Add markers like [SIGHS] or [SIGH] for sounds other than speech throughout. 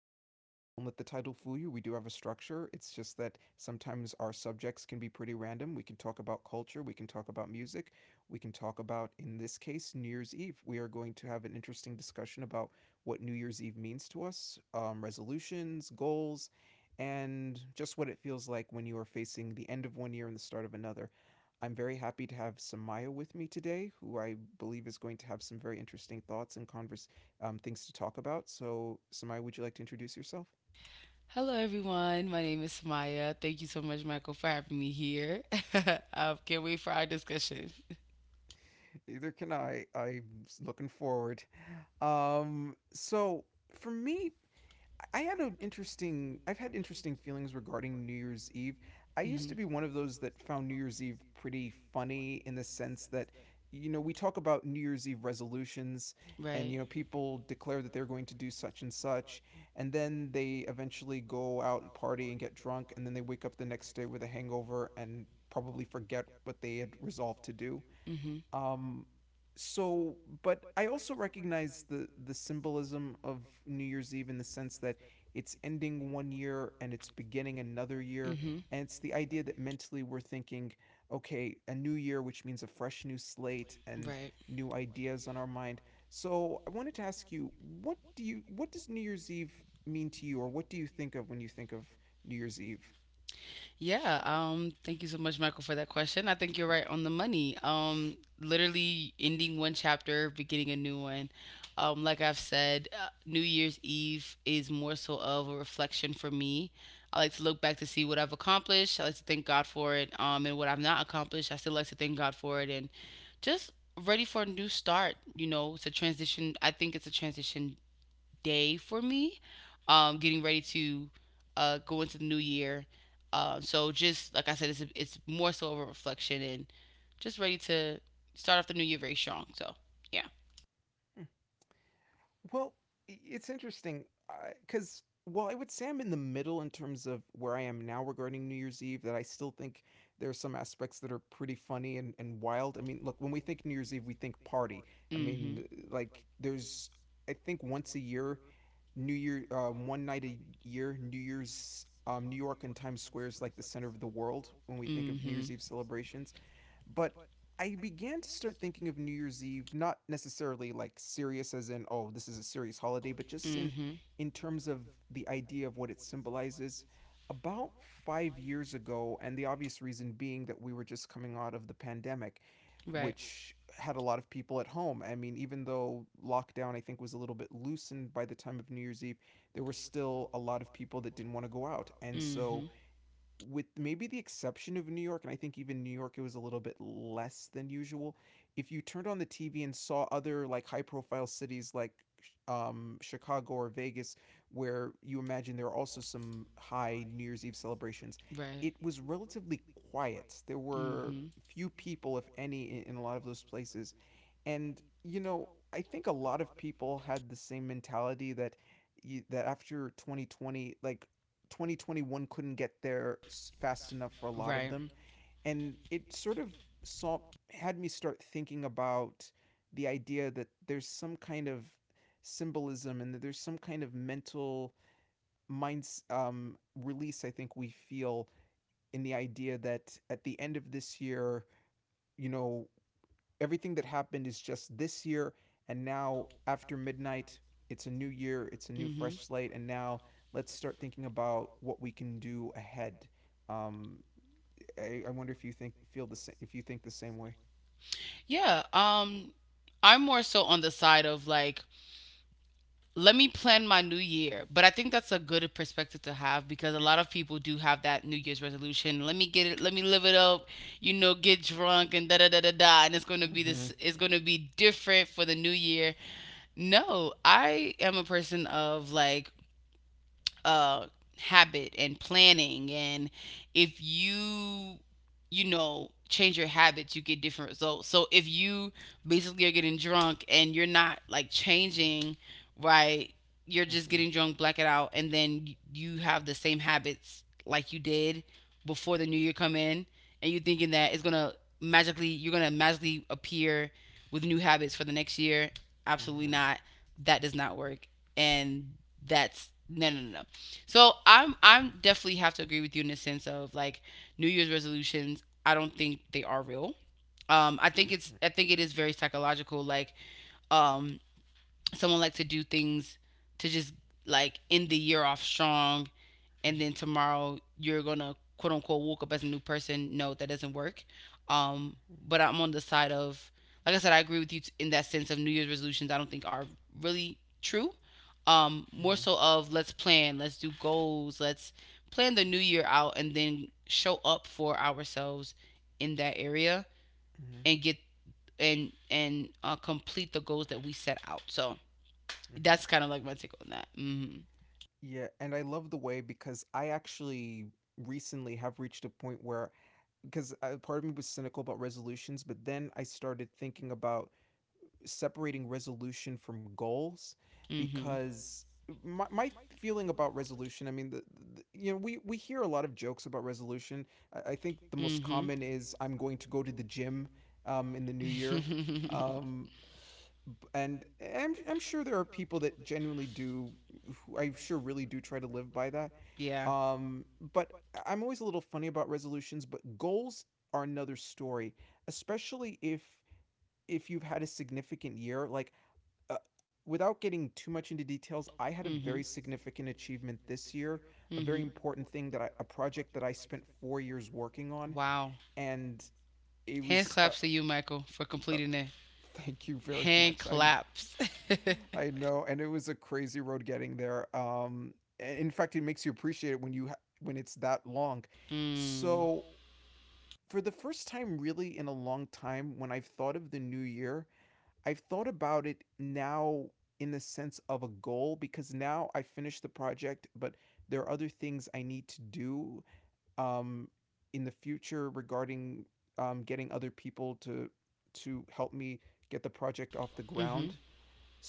Moods. Don't let the title fool you. We do have a structure. It's just that sometimes our subjects can be pretty random. We can talk about culture, we can talk about music, we can talk about, in this case, New Year's Eve. We are going to have an interesting discussion about what New Year's Eve means to us, resolutions, goals, and just what it feels like when you are facing the end of one year and the start of another. I'm very happy to have Samaya with me today, who I believe is going to have some very interesting thoughts and converse things to talk about. So, Samaya, would you like to introduce yourself? Hello, everyone. My name is Maya. Thank you so much, Michael, for having me here. [LAUGHS] I can't wait for our discussion. [LAUGHS] Neither can I. I'm looking forward. Um, so, for me, I've had interesting feelings regarding New Year's Eve. I hmm used to be one of those that found New Year's Eve pretty funny in the sense that you know, we talk about New Year's Eve resolutions, Right. and you know, people declare that they're going to do such and such, and then they eventually go out and party and get drunk, and then they wake up the next day with a hangover and probably forget what they had resolved to do. hmm Um, so, but I also recognize the symbolism of New Year's Eve in the sense that it's ending one year and it's beginning another hmm year, and it's the idea that mentally we're thinking, okay, a new year, which means a fresh new slate Right. and new ideas on our mind. So, I wanted to ask you, what does New Year's Eve mean to you, or what do you think of when you think of New Year's Eve? Yeah, thank you so much, Michael, for that question. I think you're right on the money. Literally ending one chapter, beginning a new one. Like I've said, New Year's Eve is more so of a reflection for me. I like to look back to see what I've accomplished. I like to thank God for it, and what I've not accomplished. I still like to thank God for it, and just ready for a new start. You know, it's a transition. I think it's a transition day for me, getting ready to go into the new year. So just like I said, it's more so of a reflection and just ready to start off the new year very strong. So yeah. [LAUGHS] Well, it's interesting because while I would say I'm in the middle in terms of where I am now regarding New Year's Eve, that I still think there are some aspects that are pretty funny and wild. I mean, look, when we think New Year's Eve, we think party. I Mhm. mean, like, I think, once a year, New Year, one night a year, New Year's. New York and Times Square is like the center of the world when we think of Mhm. New Year's Eve celebrations. But I began to start thinking of New Year's Eve not necessarily like serious as in oh this is a serious holiday, but just Mhm. in terms of the idea of what it symbolizes. About 5 years ago, and the obvious reason being that we were just coming out of the pandemic, Right. which had a lot of people at home. I mean, even though lockdown, I think, was a little bit loosened by the time of New Year's Eve, there were still a lot of people that didn't want to go out. And Mhm. so with maybe the exception of New York, and I think even New York, it was a little bit less than usual. If you turned on the TV and saw other like high profile cities like Chicago or Vegas, where you imagine there are also some high New Year's Eve celebrations, Right. it was relatively quiet. There Mhm. were few people, if any, in, a lot of those places. And, you know, I think a lot of people had the same mentality that that after 2020, like 2021 couldn't get there fast enough for a lot Right. of them, and it sort of saw had me start thinking about the idea that there's some kind of symbolism and that there's some kind of mental minds release. I think we feel in the idea that at the end of this year, you know, everything that happened is just this year, and now after midnight it's a new year, it's a new Mhm. fresh slate, and now let's start thinking about what we can do ahead. um I wonder if you think feel the same, if you think the same way. Yeah, I'm more so on the side of, like, let me plan my new year. But I think that's a good perspective to have because a lot of people do have that new year's resolution. Let me get it, let me live it up, you know, get drunk and da da da da da, and Mm-hmm. it's going to be different for the new year. No, I am a person of, like, uh, habit and planning, and if you, you know, change your habits, you get different results. So if you basically are getting drunk and you're not like changing, right, you're just getting Mm-hmm. drunk, black it out, and then you have the same habits like you did before the new year come in, and you thinking that it's gonna magically you're gonna magically appear with new habits for the next year. Absolutely Mhm. not. That does not work. And that's no, no, no, no. So I'm definitely have to agree with you in the sense of like New Year's resolutions. I don't think they are real. Um, I think it is very psychological. Like, um, someone likes to do things to just like end the year off strong, and then tomorrow you're gonna, quote unquote, woke up as a new person. No, that doesn't work. Um, but I'm on the side of, like I said, I agree with you in that sense of New Year's resolutions. I don't think are really true. More so of let's plan, let's do goals, let's plan the new year out, and then show up for ourselves in that area and get and complete the goals that we set out. So that's Mhm. kind of like my take on that. Mm-hmm. Yeah, and I love the way, because I actually recently have reached a point where, because part of me was cynical about resolutions, but then I started thinking about separating resolution from goals, Mm-hmm. because my feeling about resolution, I mean you know, we hear a lot of jokes about resolution. I think the most common is I'm Mm-hmm. going to go to the gym in the new [LAUGHS] year. um, um, and I'm sure there are people that genuinely do who I'm sure really do try to live by that. yeah. um, but I'm always a little funny about resolutions, but goals are another story, especially if you've had a significant year, like uh, without getting too much into details, I had a Mhm. very significant achievement this year, a Mm-hmm. very important thing that a project that I spent 4 years working on, Wow. and it Hand was. claps Uh, to you, Michael, for completing uh, that. [LAUGHS] Thank you very Hand much. Claps. [LAUGHS] I know, and it was a crazy road getting there. In fact, it makes you appreciate it when you when it's that long. Mm. So for the first time, really in a long time, when I've thought of the new year, I've thought about it now in the sense of a goal, because now I finished the project, but there are other things I need to do um, in the future regarding getting other people to help me get the project off the ground.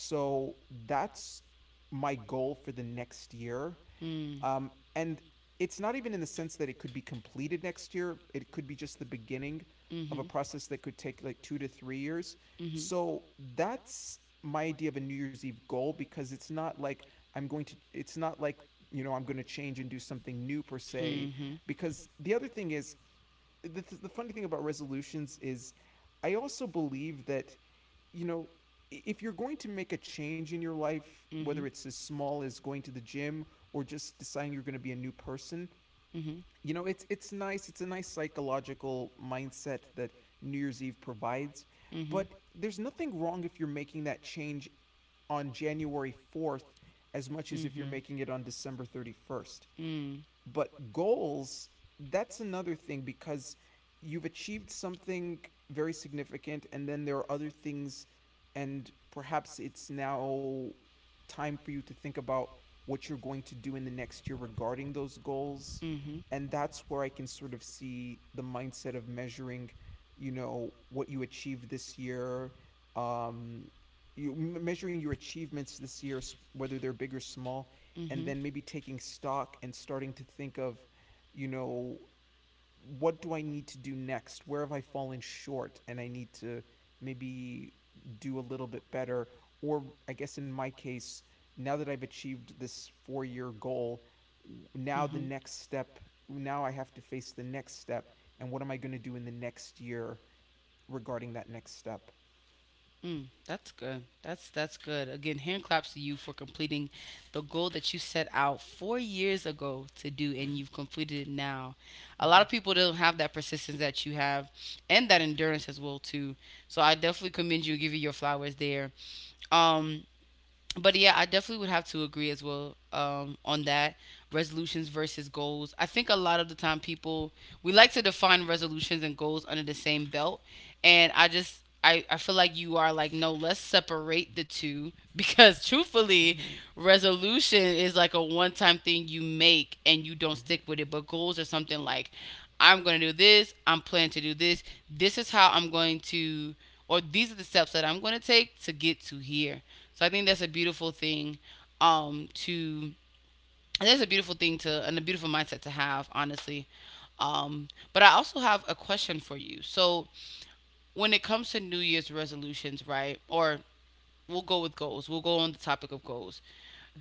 So that's my goal for the next year, Mm. And it's not even in the sense that it could be completed next year. It could be just the beginning Mhm. of a ground, process that could take like 2 to 3 years. Mm. Mhm. Mhm. you So that's my idea of a New Year's Eve goal, because it's not like it's not like, you know, I'm going to change and do something new per Mhm. se. Mhm. Because the other thing is, the funny thing about resolutions is I also believe that you know, if you're going to make a change in your life, Whether whether it's as small as going to the gym or just deciding you're going to be a new person, Mhm. you know, it's nice. It's a nice psychological mindset that New Year's Eve provides, Mhm. but there's nothing wrong if you're making that change on January 4th as much as if you're Mhm. making it on December 31st. Mm. But goals, that's another thing, because you've achieved something very significant, and then there are other things, and perhaps it's now time for you to think about what you're going to do in the next year regarding those in goals. the next And that's where I can sort of see the mindset of measuring, you know, what you achieved this year, um, you measuring your achievements this year, whether they're big or small, and Mm-hmm. then maybe taking stock and starting to think of, you know, what do I need to do next? Where have I fallen short? And I need to maybe do a little bit better. Or I guess in my case, now that I've achieved this 4 year goal, Mm-hmm. now Mm-hmm. the next step, now I have to face the next step. And what am I going to do in the next year regarding that next step? Mm, that's good. That's good. Again, hand claps to you for completing the goal that you set out 4 years ago to do, and you've completed it now. A lot of Mm-hmm, people don't have that persistence that you have, and that endurance as well too. So I definitely commend you, give you your flowers there. Um, but yeah, I definitely would have to agree as well on that resolutions versus goals. I think a lot of the time people, we like to define resolutions and goals under the same belt, and I feel like you are like, no, let's separate the two, [LAUGHS] because truthfully, mm-hmm, mm-hmm, resolution is like a one time thing you make and you don't stick with it, but goals are something like, I'm gonna do this, I'm planning to do this, this is how I'm going to or these are the steps that I'm going to take to get to here. So I think that's a beautiful thing um, to, and that's a beautiful thing to, and a beautiful mindset to have, honestly. But I also have a question for you. So when it comes to New Year's resolutions, right? Or we'll go with goals. We'll go on the topic of goals.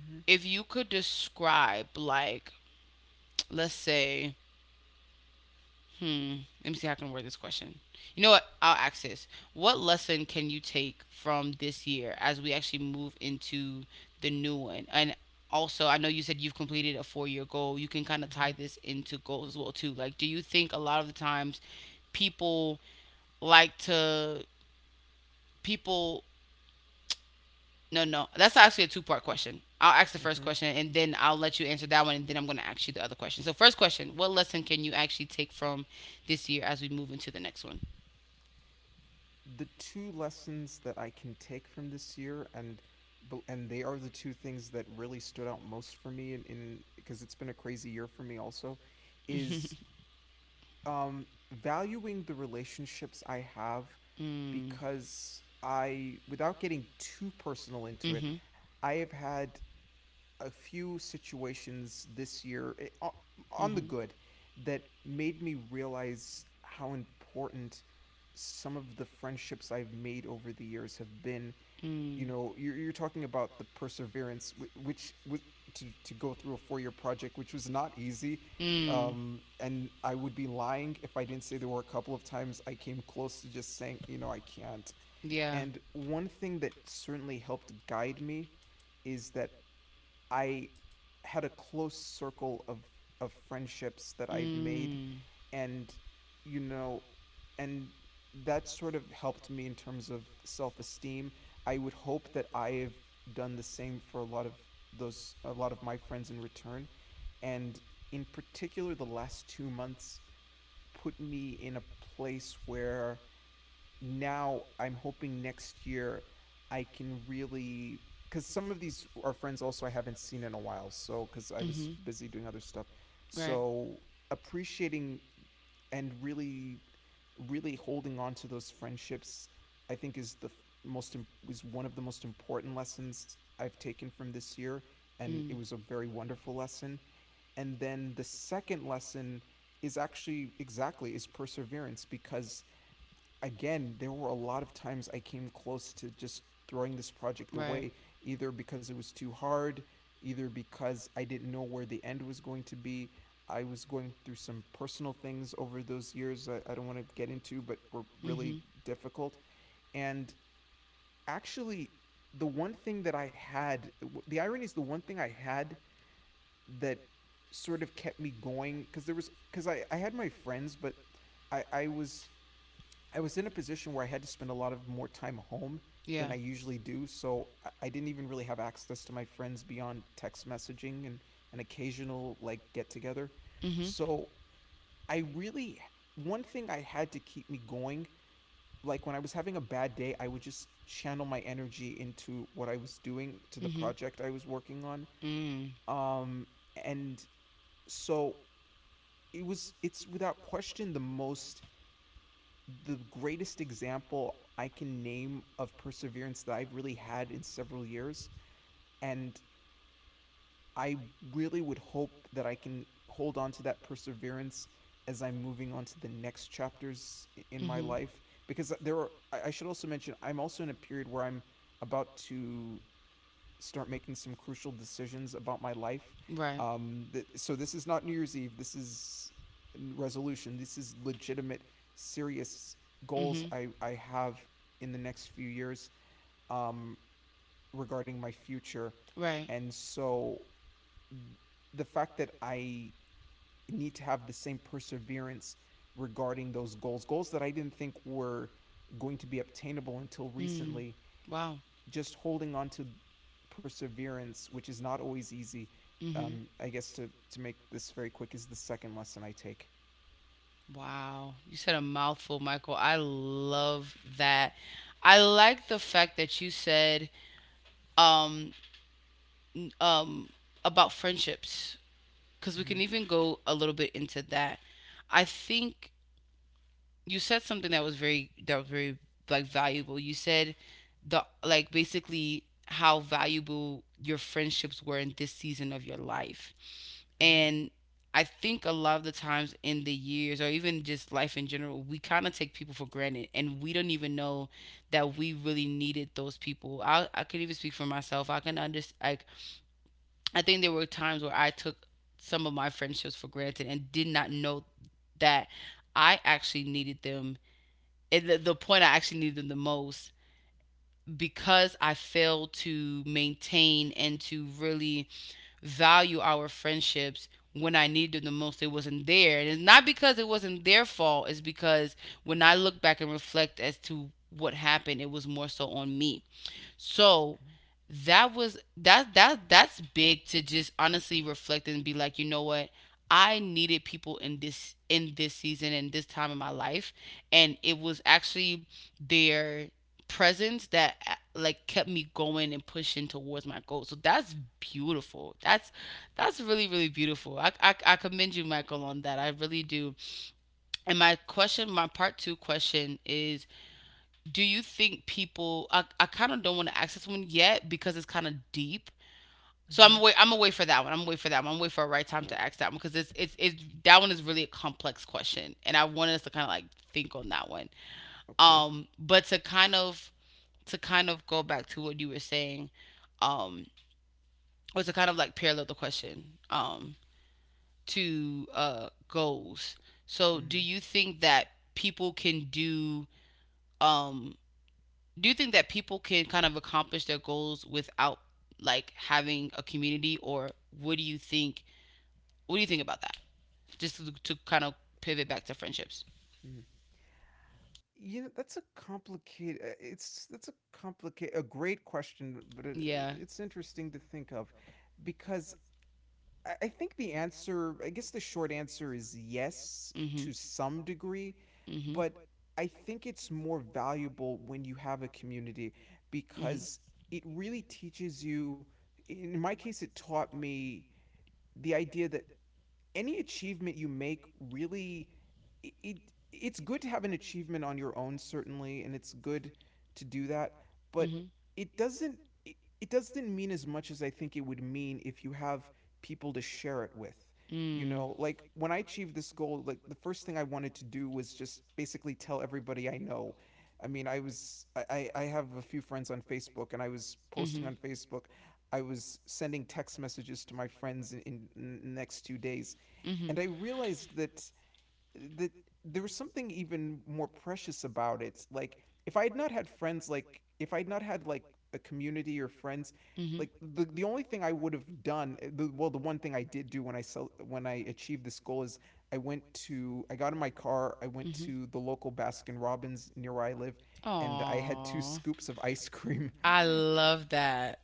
mm-hmm, If you could describe, like, let's say, Hmm. Let me see how I can word this question. You know what? I'll ask this. What lesson can you take from this year as we actually move into the new one? And also, I know you said you've completed a 4 year goal. You can kind of tie mm-hmm, this into goals as well, too. Like, do you think a lot of the times people like to, people, no, no, that's actually a two-part question. I'll ask the first mm-hmm. question and then I'll let you answer that one and then I'm going to ask you the other question. So, first question, what lesson can you actually take from this year as we move into the next one? The two lessons that I can take from this year, and they are the two things that really stood out most for me in because it's been a crazy year for me also, is [LAUGHS] valuing the relationships I have, Mm. because I without getting too personal into it, Mhm. I have had a few situations this year on the Mhm. good, that made me realize how important some of the friendships I've made over the years have been. Mm. You know, you're talking about the perseverance, which was to go through a 4 year project, which was not easy. Mm. And I would be lying if I didn't say there were a couple of times I came close to just saying, you know, I can't. Yeah. And one thing that certainly helped guide me is that I had a close circle of friendships that I've made, Mm. and you know, and that sort of helped me in terms of self-esteem. I would hope that I've done the same for a lot of those a lot of my friends in return, and in particular the last 2 months put me in a place where now I'm hoping next year I can really, because some of these are friends also I haven't seen in a while. So because I Mhm. was busy doing other stuff, Right. so appreciating and really really holding on to those friendships, I think is the most is one of the most important lessons I've taken from this year, Mm. and it was a very wonderful lesson. And then the second lesson is actually exactly is perseverance because again, there were a lot of times I came close to just throwing this project Right. away, either because it was too hard, either because I didn't know where the end was going to be. I was going through some personal things over those years I don't want to get into, but were Mm-hmm. really difficult. And actually, the one thing that I had, the irony is the one thing I had that sort of kept me going because there was because I had my friends but I, I was I was in a position where I had to spend a lot of more time home Yeah. than I usually do, so I didn't even really have access to my friends beyond text messaging and an occasional like get together. Mm-hmm. So I really one thing I had to keep me going, like when I was having a bad day, I would just channel my energy into what I was doing to the Mm-hmm. project I was working on. Mm. Um and so it was it's without question the most the greatest example I can name of perseverance that I've really had in several years. And I really would hope that I can hold on to that perseverance as I'm moving on to the next chapters in Mm-hmm. my life. Because there are, I should also mention, I'm also in a period where I'm about to start making some crucial decisions about my life. Right. So this is not New Year's Eve. This is resolution. This is legitimate, serious Mm-hmm. goals I have in the next few years um, regarding my future. Right. And so the fact that I need to have the same perseverance regarding those goals, goals that I didn't think were going to be obtainable until Mm. recently, Wow. just holding on to perseverance, which is not always easy. Mm-hmm. I guess to make this very quick is the second lesson I take. Wow. You said a mouthful, Michael. I love that. I like the fact that you said um, um, about friendships, because we can Mm-hmm, even go a little bit into that. I think you said something that was very like valuable. You said the, like, basically how valuable your friendships were in this season of your life. And I think a lot of the times in the years or even just life in general, we kind of take people for granted and we don't even know that we really needed those people. I could even speak for myself. I can understand. I think there were times where I took some of my friendships for granted and did not know that I actually needed them. At the point I actually needed them the most, because I failed to maintain and to really value our friendships when I needed them the most, it wasn't there. And it's not because it wasn't their fault, it's because when mm-hmm, I look back and reflect as to what happened, it was more so on me. So that was that's big to just honestly reflect and be like, you know what? I needed people in this season and this time in my life, and it was actually their presence that like kept me going and pushing towards my goal. So that's beautiful. That's really really beautiful. I commend you, Michael, on that. I really do. And my question, my part two question is, do you think people? I kind of don't want to ask this one yet because it's kind of deep. So mm-hmm, I'm away. I'm away for that one. I'm away for that one. I'm away for a right time mm-hmm. To ask that one because it's that one is really a complex question, and I wanted us to kind of like think on that one. Okay. But to kind of To kind of go back to what you were saying, um, or to kind of like parallel the question, to goals. So Mm-hmm, um do you think that people can kind of accomplish their goals without, like, having a community? Or what do you think? What do you think about that? Just to kind of pivot back to friendships. mm-hmm. You know that's a complicated. It's that's a complicated, a great question, but it, Yeah it's interesting to think of, because I think the answer, I guess the short answer is yes mm-hmm to some degree, mm-hmm but I think it's more valuable when you have a community because it really teaches you. In my case, it taught me the idea that any achievement you make really it, it it's good to have an achievement on your own certainly and it's good to do that but Mhm. it doesn't it, it doesn't mean as much as I think it would mean if you have people to share it like with. You mm. know, like when I achieved this goal, like the first thing I wanted to do was just basically tell everybody I know. I mean, I was I have a few friends on Facebook and I was hmm posting on Facebook. I was sending text messages to my friends in the next 2 days and I mm-hmm realized that that there was something even more precious about it. Like if I had not had friends, like if I had not had like a community or friends, like mm-hmm the only thing I would have done, well, the one thing I did do when I sell when I achieved this goal is I went to I got in my car, I went Mhm. to the local Baskin Robbins near where I live, I and I had two had two [LAUGHS] scoops of ice cream. I love that.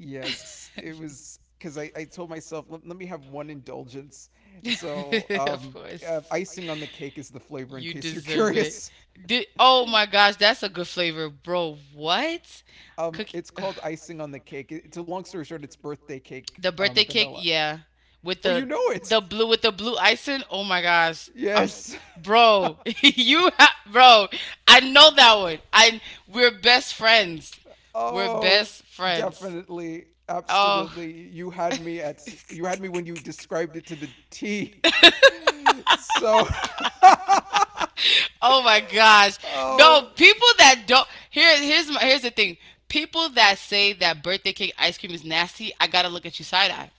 Yes, it was because [LAUGHS] I told myself, let me have one indulgence. So, [LAUGHS] of course. icing on the cake is the flavor, in You case you're deserve it. curious. Did, [LAUGHS] oh my gosh, that's a good flavor, bro. What? Cookie. it's called icing on the cake. It's a long story short, it's birthday cake, The birthday cake, vanilla. yeah, with Oh, you know it. the blue with the blue icing. Oh my gosh, I'm s- Yes. bro. [LAUGHS] you [LAUGHS] ha- bro, I know that one. I We're best friends. We're Oh, best friends. Absolutely, definitely. Oh, Absolutely. You had me when you described it to the T. [LAUGHS] [LAUGHS] So, [LAUGHS] Oh my gosh. oh, No, people that don't here's my, here's the thing. People that say that birthday cake ice cream is nasty, I gotta look at you side eye.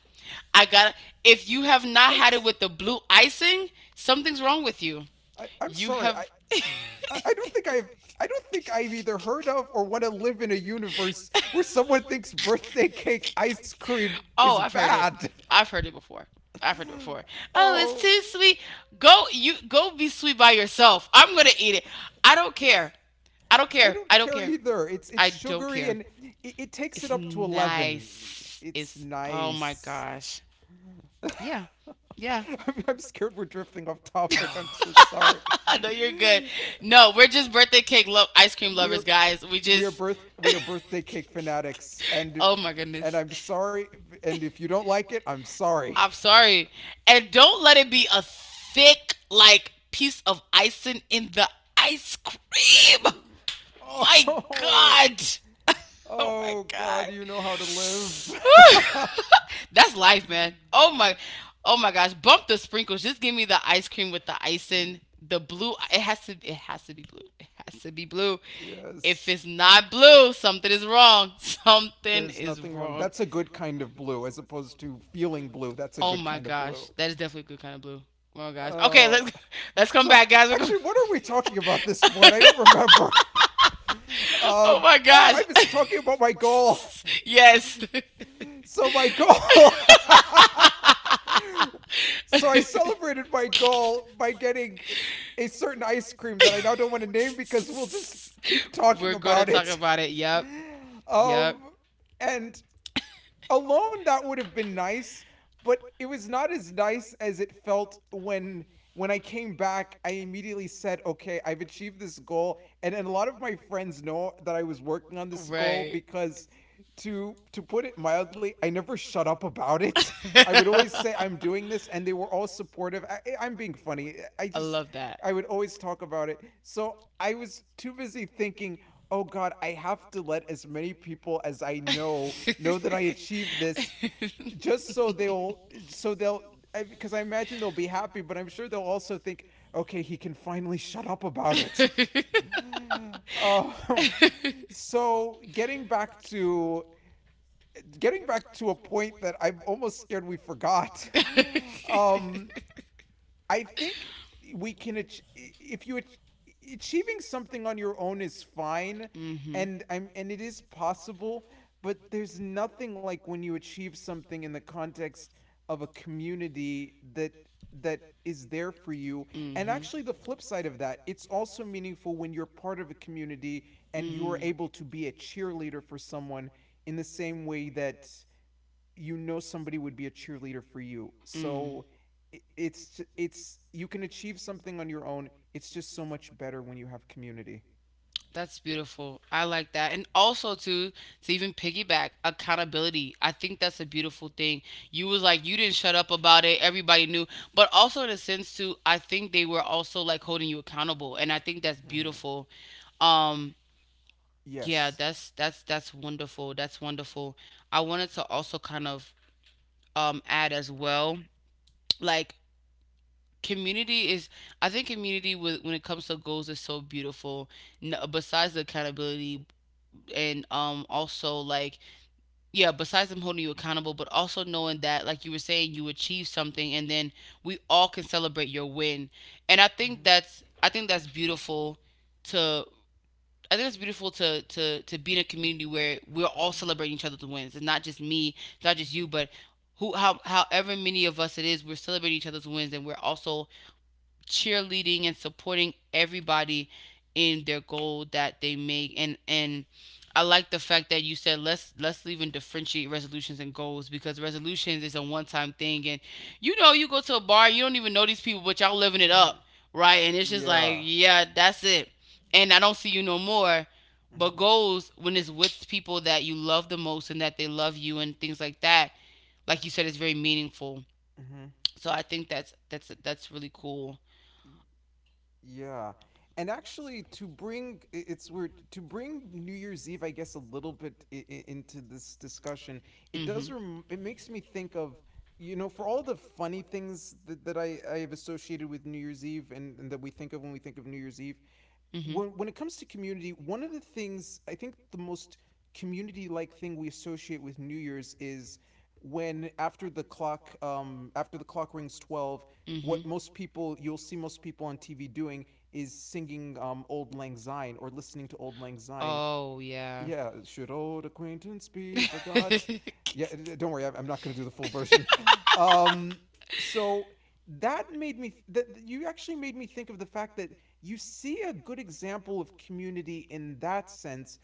I gotta, if you have not I'm had it s- with the blue icing, something's wrong with you. I'm You sorry. Have I don't think I've I don't think I've either [LAUGHS] heard of or want to live in a universe in where someone thinks birthday cake ice cream is Oh, I've heard it. bad. I've heard it before. I've heard it before. [SIGHS] Oh, it's Oh, too sweet. Go be sweet by yourself. I'm gonna eat it. I don't care. I don't I care. don't I don't care care. Either. either. It's It's it's I don't sugary care. and Sugary it takes It's it tastes up to 11. nice. It's It's oh my nice. gosh. Yeah. Yeah. [LAUGHS] I'm scared we're drifting off topic. I'm so sorry. [LAUGHS] I [SIGHS] know you're good. No, we're just birthday cake love ice cream lovers, We're guys. We we are just birth we are [LAUGHS] birthday cake fanatics, and if, oh my and goodness. I'm sorry, and if you don't like it, I'm sorry. I'm sorry. And don't let it be a thick like piece of icing in the ice cream. [LAUGHS] [LAUGHS] My Oh, Oh, god. Oh my oh oh god. God, you know how to live. [LAUGHS] [LAUGHS] That's life, man. Oh my, oh my gosh! Bump the sprinkles. Just give me the ice cream with the icing. The blue. It has to be blue. If Yes, it's not blue, something is wrong. [LAUGHS] Something there's is nothing wrong. wrong. That's a good kind of blue, as opposed to feeling blue. That's a Oh good my kind of gosh, blue. that is definitely a good kind of blue. Oh my gosh. Okay, Oh, let's [LAUGHS] let's come so back, guys. Actually, what are we talking about this point? I don't remember. [LAUGHS] [LAUGHS] oh my oh, I gosh. was talking about my goal. [LAUGHS] [LAUGHS] Yes. [LAUGHS] So my goal. [LAUGHS] [LAUGHS] So So I I celebrated my goal by getting a certain ice cream that I now don't want to name because we'll we'll just keep be [LAUGHS] talking We're gonna about it. [LAUGHS] about it. Yep. Um, and alone that would have been nice but it was not as nice as it felt when I came back I immediately said okay I've achieved this goal and a lot of my friends know that I was working on this goal because [LAUGHS] to put it mildly I never shut up about it. [LAUGHS] I would always say I'm doing this and [LAUGHS] they were all supportive. I'm being funny. I love that. I would always talk about it, so I was too busy thinking, oh God, I have to let as many people as I I know that I achieved [LAUGHS] this, achieved just this, so they'll so they'll because I imagine they'll be happy, but I'm sure they'll also think, okay, he can finally shut up about it. [LAUGHS] [LAUGHS] Uh, so getting back to a point that I'm almost scared we forgot. [LAUGHS] Um, I think we can if you achieving something on your own is fine mm-hmm. and I'm and it is possible, but there's nothing like when you achieve something in the context of a community that is there for you. And Mhm. actually the flip side of that, it's also meaningful when you're part of a community and you're Mm. able to be a cheerleader for someone in the same way that you know somebody would be a cheerleader for you. So it's you can achieve something on your own. It's just so much better when you have community. That's beautiful. I like that. And also too, to even piggyback, accountability. I think that's a beautiful thing. You was like you didn't shut up about it. Everybody knew. But also in a sense too, I think they were also like holding you accountable. And I think that's Mm-hmm. beautiful. Um yeah, Yes. that's wonderful. That's wonderful. I wanted to also kind of add as well, like community is, I think community with when it comes to goals is so beautiful. No, besides the accountability and also, like, yeah, besides them holding you accountable, but also knowing that, like you were saying, you achieved something. And then we all can celebrate your win, and I Mm-hmm. think that's, I think that's beautiful. To I think it's beautiful to be in a community where we're all celebrating each other's wins. It's not just me, it's not just Mm-hmm. you, but who, how however many of us it is, we're celebrating each other's wins, and we're also cheerleading and supporting everybody in their goal that they make. And I like the fact that you said let's even differentiate resolutions and goals, because resolutions is a one time thing, and, you know, you go to a bar, you don't even know these people, but y'all living it Mm-hmm. up, right? And it's just like, Yeah. yeah, that's it, and I don't see you no more. But Mm-hmm. goals, when it's with people that you love the most and that they love you and things like that, like you said, it's very meaningful. Mm-hmm. So I think that's really cool. Yeah. And actually, to bring it's weird to bring New Year's Eve, I guess, a little bit into this discussion. It Mm-hmm. does. Rem- it makes me think of, you know, for all the funny things that I have associated with New Year's Eve, and that we think of when we think of New Year's Eve, Mm-hmm. when it comes to community, one of the things I think the most community like thing we associate with New Year's is when after the clock rings 12, Mm-hmm. what most people you'll see most people on TV doing is singing "Old Lang Syne" or listening to "Old Lang Syne." Oh yeah. Yeah, should old acquaintance be [LAUGHS] Yeah, sure. Mm-hmm. forgot? Yeah, Yeah, don't worry, I'm not going to do the full version. Um, so that made me that you actually made me think of the fact that you see a good example of community in that sense,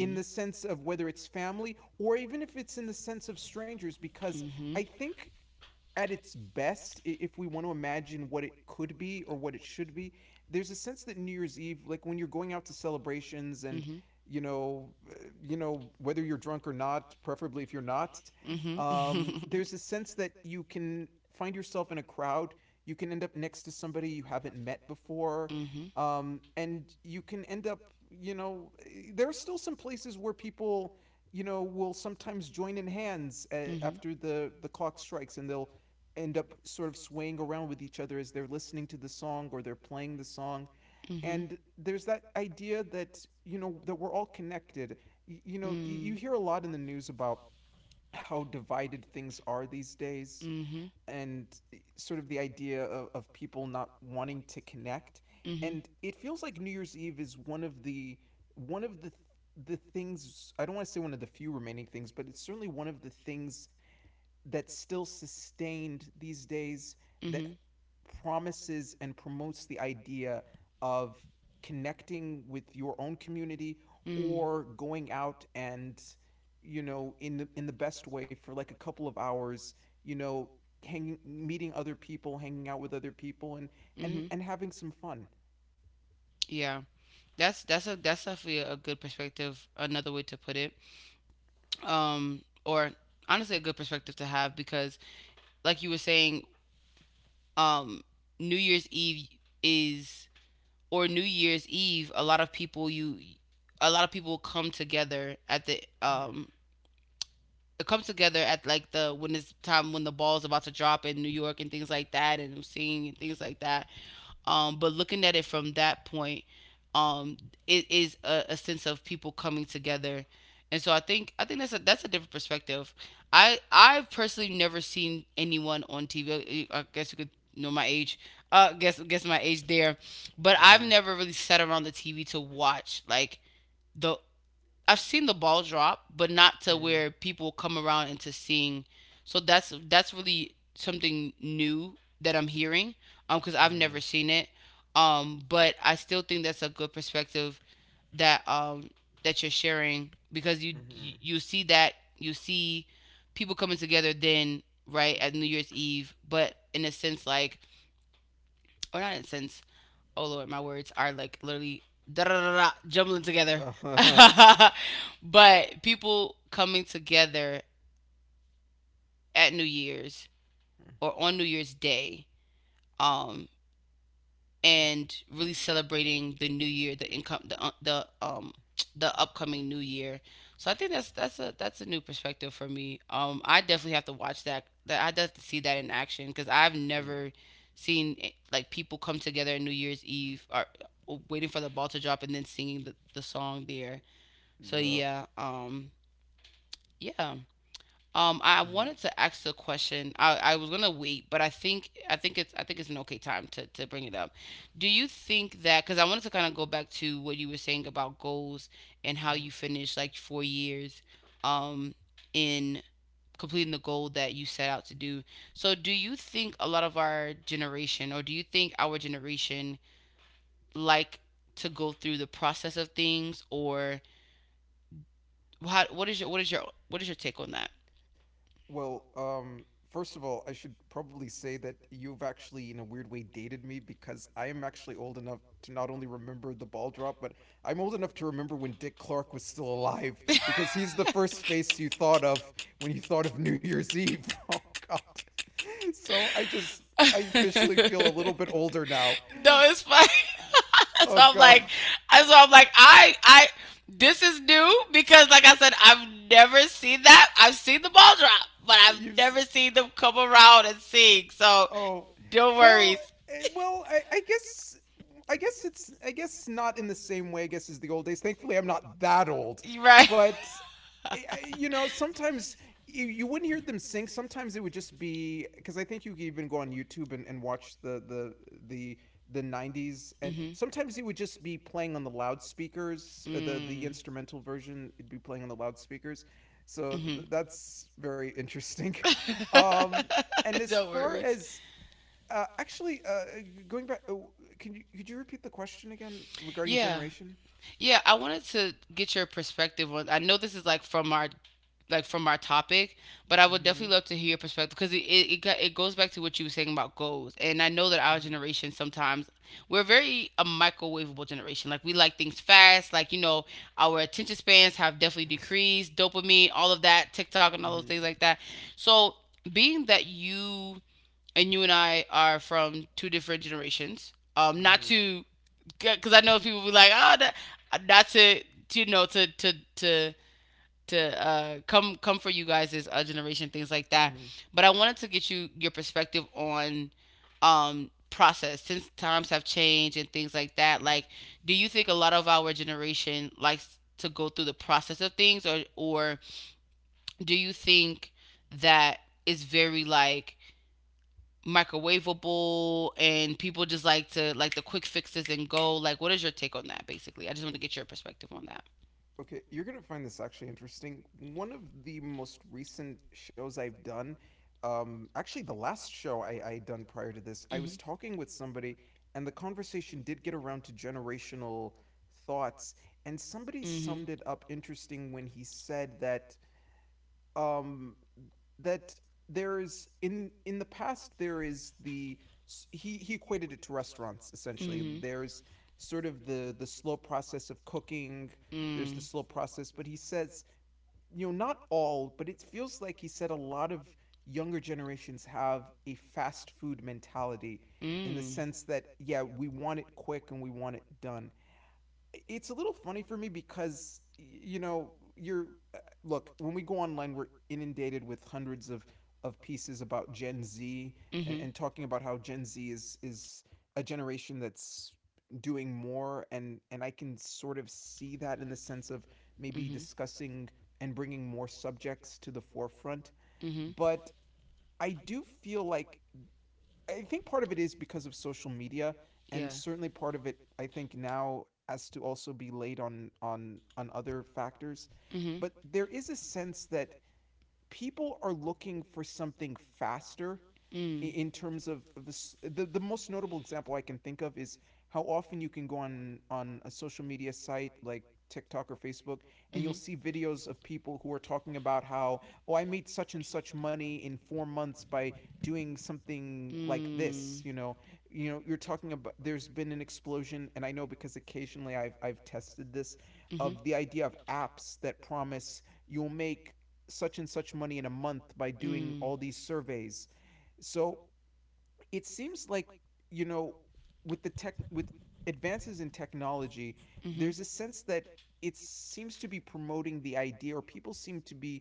in the sense of whether it's family or even if it's in the sense of strangers, because mm-hmm. I think at its best, if we want to imagine what it could be or what it should be, there's a sense that New Year's Eve, like when you're going out to celebrations and Mm-hmm. you know, you know, whether you're drunk or not, preferably if you're not, Mm-hmm. There's a sense that you can find yourself in a crowd, you can end up [LAUGHS] next to somebody you haven't met before, mm-hmm. [LAUGHS] And you can end up, you know, there are still some places where people, you know, will sometimes join in hands Mhm. after the clock strikes, and they'll end up sort of swaying around with each other as they're listening to the song or they're playing the song, Mhm. and there's that idea that you know that we're all connected. Y- you Y- know, you hear Mm. a lot in the news about how divided things are these days, Mhm. and sort of the idea of people not wanting to connect, and Mhm. it feels like New Year's Eve is one of the one of the the things, I don't want to say one of the few remaining things, but it's certainly one of the things that's still sustained these days, that Mhm. promises and promotes the idea of connecting with your own community, Mm. or going out and, you know, in the best way for like a couple of hours, you know, hanging meeting other people, hanging out with other people, Mm-hmm. and having some fun. Yeah. That's definitely a good perspective, another way to put it. Or honestly a good perspective to have because, like you were saying, um, New Year's Eve is, or New Year's Eve, a lot of people you, a lot of people come together at the it comes together at like the when it's time, when the ball's about to drop in New York and things like that, and I'm seeing and things like that. But looking at it from that point, um, it is a sense of people coming together, and so I think, I think that's a, that's a different perspective. I, I've personally never seen anyone on TV. I guess you could know my age. Guess my age there, but I've Mm-hmm. never really sat around the TV to watch like the, I've seen the ball drop, but not to Mm-hmm. where people come around into seeing. So that's really something new that I'm hearing, because I've Mm-hmm. never seen it, but I still think that's a good perspective that that you're sharing, because you you, Mm-hmm. [LAUGHS] you see that, you see people coming together then right at New Year's Eve, but in a sense like, or not in a sense, oh lord, my words are like literally da da da da jumbling together. Uh-huh. [LAUGHS] But people coming together at New Year's Mm-hmm. or on New Year's Day, um, and really celebrating the new year, the income, the the upcoming new year. So I think that's a new perspective for me. I definitely have to watch that. That I have to see that in action, because I've Mm-hmm. never seen like people come together on New Year's Eve, or waiting for the ball to drop and then singing the song there. So Yeah. yeah, yeah. I Mm-hmm. wanted to ask the question. I was gonna wait, but I think, I think it's, I think it's an okay time to bring it up. Do you think that, because I wanted to kind of go back to what you were saying about goals, and how you finished like 4 years, um, in completing the goal that you set out to do? So, do you think a lot of our generation, or do you think our generation, like to go through the process of things, or how, what is your, what is your, what is your take on that? Well, first of all, I should probably say that you've actually, in a weird way, dated me, because I am actually old enough to not only remember the ball drop, but I'm old enough to remember when Dick Clark was still alive, because he's the first face you thought of when you thought of New Year's Eve. [LAUGHS] Oh, God. So I just, I [LAUGHS] officially No, feel a little bit older now. it's fine. Uh, [LAUGHS] So Oh, I'm like, God. So I'm like, I, this is new because, like I said, I've never seen that. I've seen the ball drop, but I've You've, s- never seen them come around and sing. So Oh, don't well, worry, well, I guess, I guess not in the same way. I guess as the old days. Thankfully, I'm not that old, you right? but you know, sometimes you wouldn't hear them sing. Sometimes it would just be because I think you could even go on YouTube and watch the the 90s, and Mhm. sometimes it would just be playing on the loudspeakers, the Mm. instrumental version, it'd be playing on the loudspeakers, so Mhm. that's very interesting. [LAUGHS] um and [LAUGHS] as No far worries. as actually, going back, oh, can you could you repeat the question again regarding Yeah. generation? Yeah, I wanted to get your perspective on. I know this is like from our topic, but I would Mm-hmm. definitely love to hear your perspective, because got, it goes back to what you were saying about goals. And I know that our Mm-hmm. generation sometimes we're very a microwavable generation. Like we like things fast. Like, you know, our attention spans have definitely decreased. Dopamine, all of that, TikTok, and all those Mm-hmm. things like that. So, being that you and I are from two different generations. Not Mm-hmm. to, because I know people be like, oh, that, not to, to, you know, to come for you guys as a generation, things like that. But I wanted to get you your perspective on process, since times have changed and things like that. Mm-hmm. Like, do you think a lot of our generation likes to go through the process of things, or do you think that it's very like microwavable, and people just like to like the quick fixes and go, like, what is your take on that? Basically, I just want to get your perspective on that. Okay, you're gonna find this actually interesting. One of the most recent shows I've done, actually, the last show I done prior to this, I was talking Mm-hmm. with somebody, and the conversation did get around to generational thoughts, and somebody Mm-hmm. summed it up interesting when he said that um that there is in the past, there is the he equated it to restaurants, essentially. Mm-hmm. There's sort of the slow process of cooking. There's the Mm. slow process, but, he says, you know, not all, but it feels like, he said, a lot of younger generations have a fast food mentality, in the Mm. sense that, yeah, we want it quick, and we want it done. It's a little funny for me, because, you know, you're uh, look, when we go online, we're inundated with hundreds of pieces about Gen Z, and, Mm-hmm. and talking about how Gen Z is a generation that's doing more, and I can sort of see that, in the sense of maybe Mm-hmm. discussing and bringing more subjects to the forefront. Mm-hmm. But I do feel like, I think part of it is because of social media, and Yeah. certainly part of it, I think, now has to also be laid on on other factors. Mm-hmm. But there is a sense that people are looking for something faster, Mm. in terms of this. The most notable example I can think of is how often you can go on a social media site like TikTok or Facebook, and you'll Mm-hmm. see videos of people who are talking about how, oh, I made such and such money in 4 months by doing something like this, Mm. you know. You know, you're talking about, there's been an explosion, and I know, because occasionally I've tested this, Mm-hmm. of the idea of apps that promise you'll make such and such money in a month by doing all Mm. these surveys. So it seems like, you know, with the tech with advances in technology, there's a Hmm. sense that it seems to be promoting the idea, or people seem to be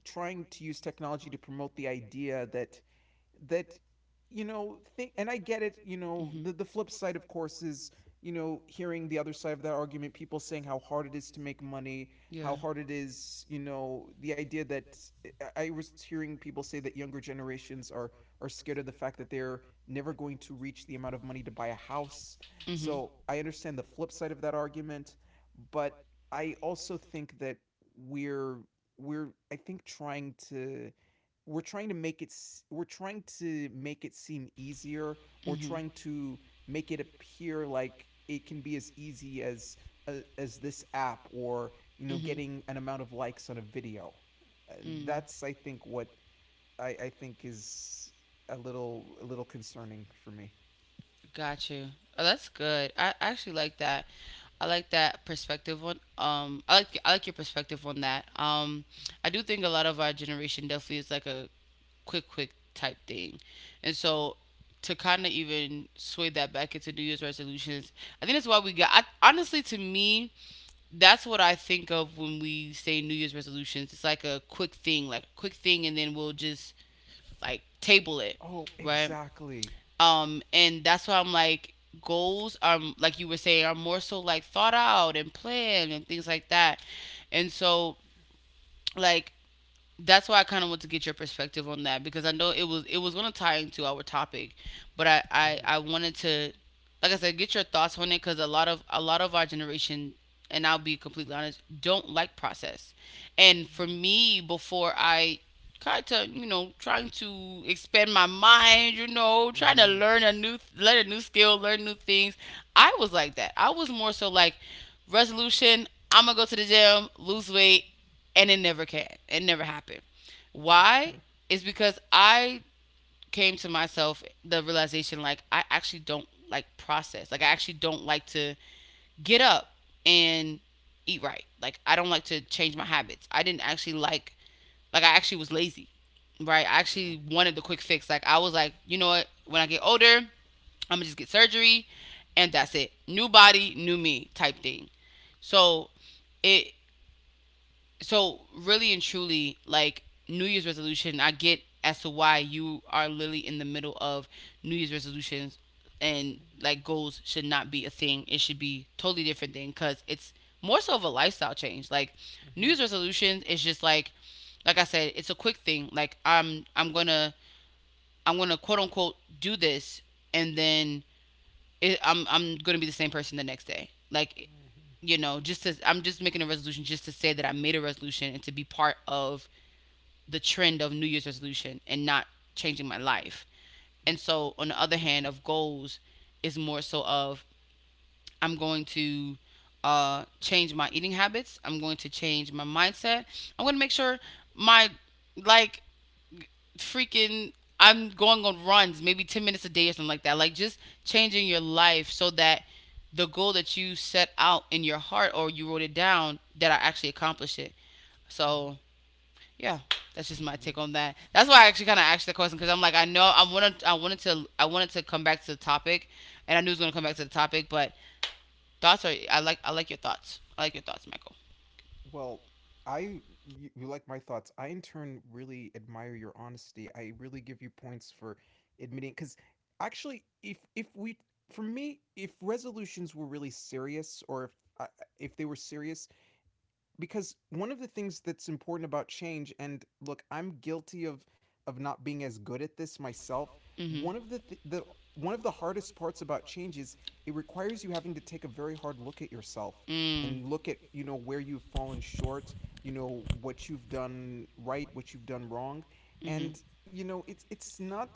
trying to use technology to promote the idea that that you know, think. And I get it, you know, the flip side, of course, is, you know, hearing the other side of that argument, people saying how hard it is to make money, Yeah. how hard it is, you know, the idea that I was hearing people say that younger generations are scared of the fact that they're never going to reach the amount of money to buy a house. Hmm. So I understand the flip side of that argument, but I also think that we're we're, I think, trying to we're trying to make it we're trying to make it seem easier, or Mm-hmm. trying to make it appear like it can be as easy as this app, or, you know, Hmm. getting an amount of likes on a video. Uh, Mm. that's, I think, what I think is a little concerning for me. Got you. Oh, that's good. I actually like that. I like that perspective on I like, I like your perspective on that. I do think a lot of our generation definitely is like a quick type thing. And so, to kind of even sway that back into New Year's resolutions, I think that's why we got, I, honestly to me, that's what I think of when we say New Year's resolutions. It's like a quick thing, like quick thing, and then we'll just like table it, Oh, right? exactly. And that's why I'm like, goals are, like you were saying, are more so like thought out and planned and things like that. And so, like, that's why I kind of want to get your perspective on that, because I know it was, it was going to tie into our topic, but Mm-hmm. I wanted to, like I said, get your thoughts on it, because a lot of, a lot of our generation, and I'll be completely honest, don't like process. And for me before, I kind of, you know, trying to expand my mind, you know, trying to Mm-hmm. learn a new, learn a new skill, learn new things, I was like that. I was more so like, resolution, I'm gonna go to the gym, lose weight, and it never can, it never happened. Why Mm-hmm. is because I came to myself the realization, like, I actually don't like process. Like, I actually don't like to get up and eat right. Like, I don't like to change my habits. I didn't actually like I actually was lazy. Right? I actually wanted the quick fix. Like I was like, you know what? When I get older, I'm going to just get surgery, and that's it. New body, new me type thing. So it, so really and truly, like, New Year's resolution, I get as to why you are literally in the middle of New Year's resolutions, and Mm-hmm. like goals should not be a thing. It should be totally different thing, because it's more so of a lifestyle change. Like, New Mm-hmm. Year's resolutions is just like I said, it's a quick thing. Like, I'm gonna quote unquote do this, and then it, I'm gonna be the same person the next day. Like, you know, just to, I'm just making a resolution just to say that I made a resolution and to be part of the trend of New Year's resolution and not changing my life. And so on the other hand, of goals is more so of I'm going to change my eating habits. I'm going to change my mindset. I'm going to make sure my like freaking I'm going on runs, maybe 10 minutes a day or something like that. Like, just changing your life so that the goal that you set out in your heart or you wrote it down, that I actually accomplish it. Mm-hmm. So, yeah, that's just my Mm-hmm. take on that. That's why I actually kind of asked the question, because I'm like, I know I wanted to come back to the topic, and I knew it was gonna Yeah. come back to the topic. But I like your thoughts. I like your thoughts, Michael. Well, you like my thoughts. I, in turn, really admire your honesty. I really give you points for admitting, cuz actually, if we for me if resolutions were really serious, or if I if they were serious, because one of the things that's important about change, and, look, I'm guilty of not being as good at this myself, Hmm. one of the one of the hardest parts about change is, it requires you having to take a very hard look at yourself, Mm. and look at, you know, where you've fallen short, you know, what you've done right, what you've done wrong. Mhm. And, you know, it's not,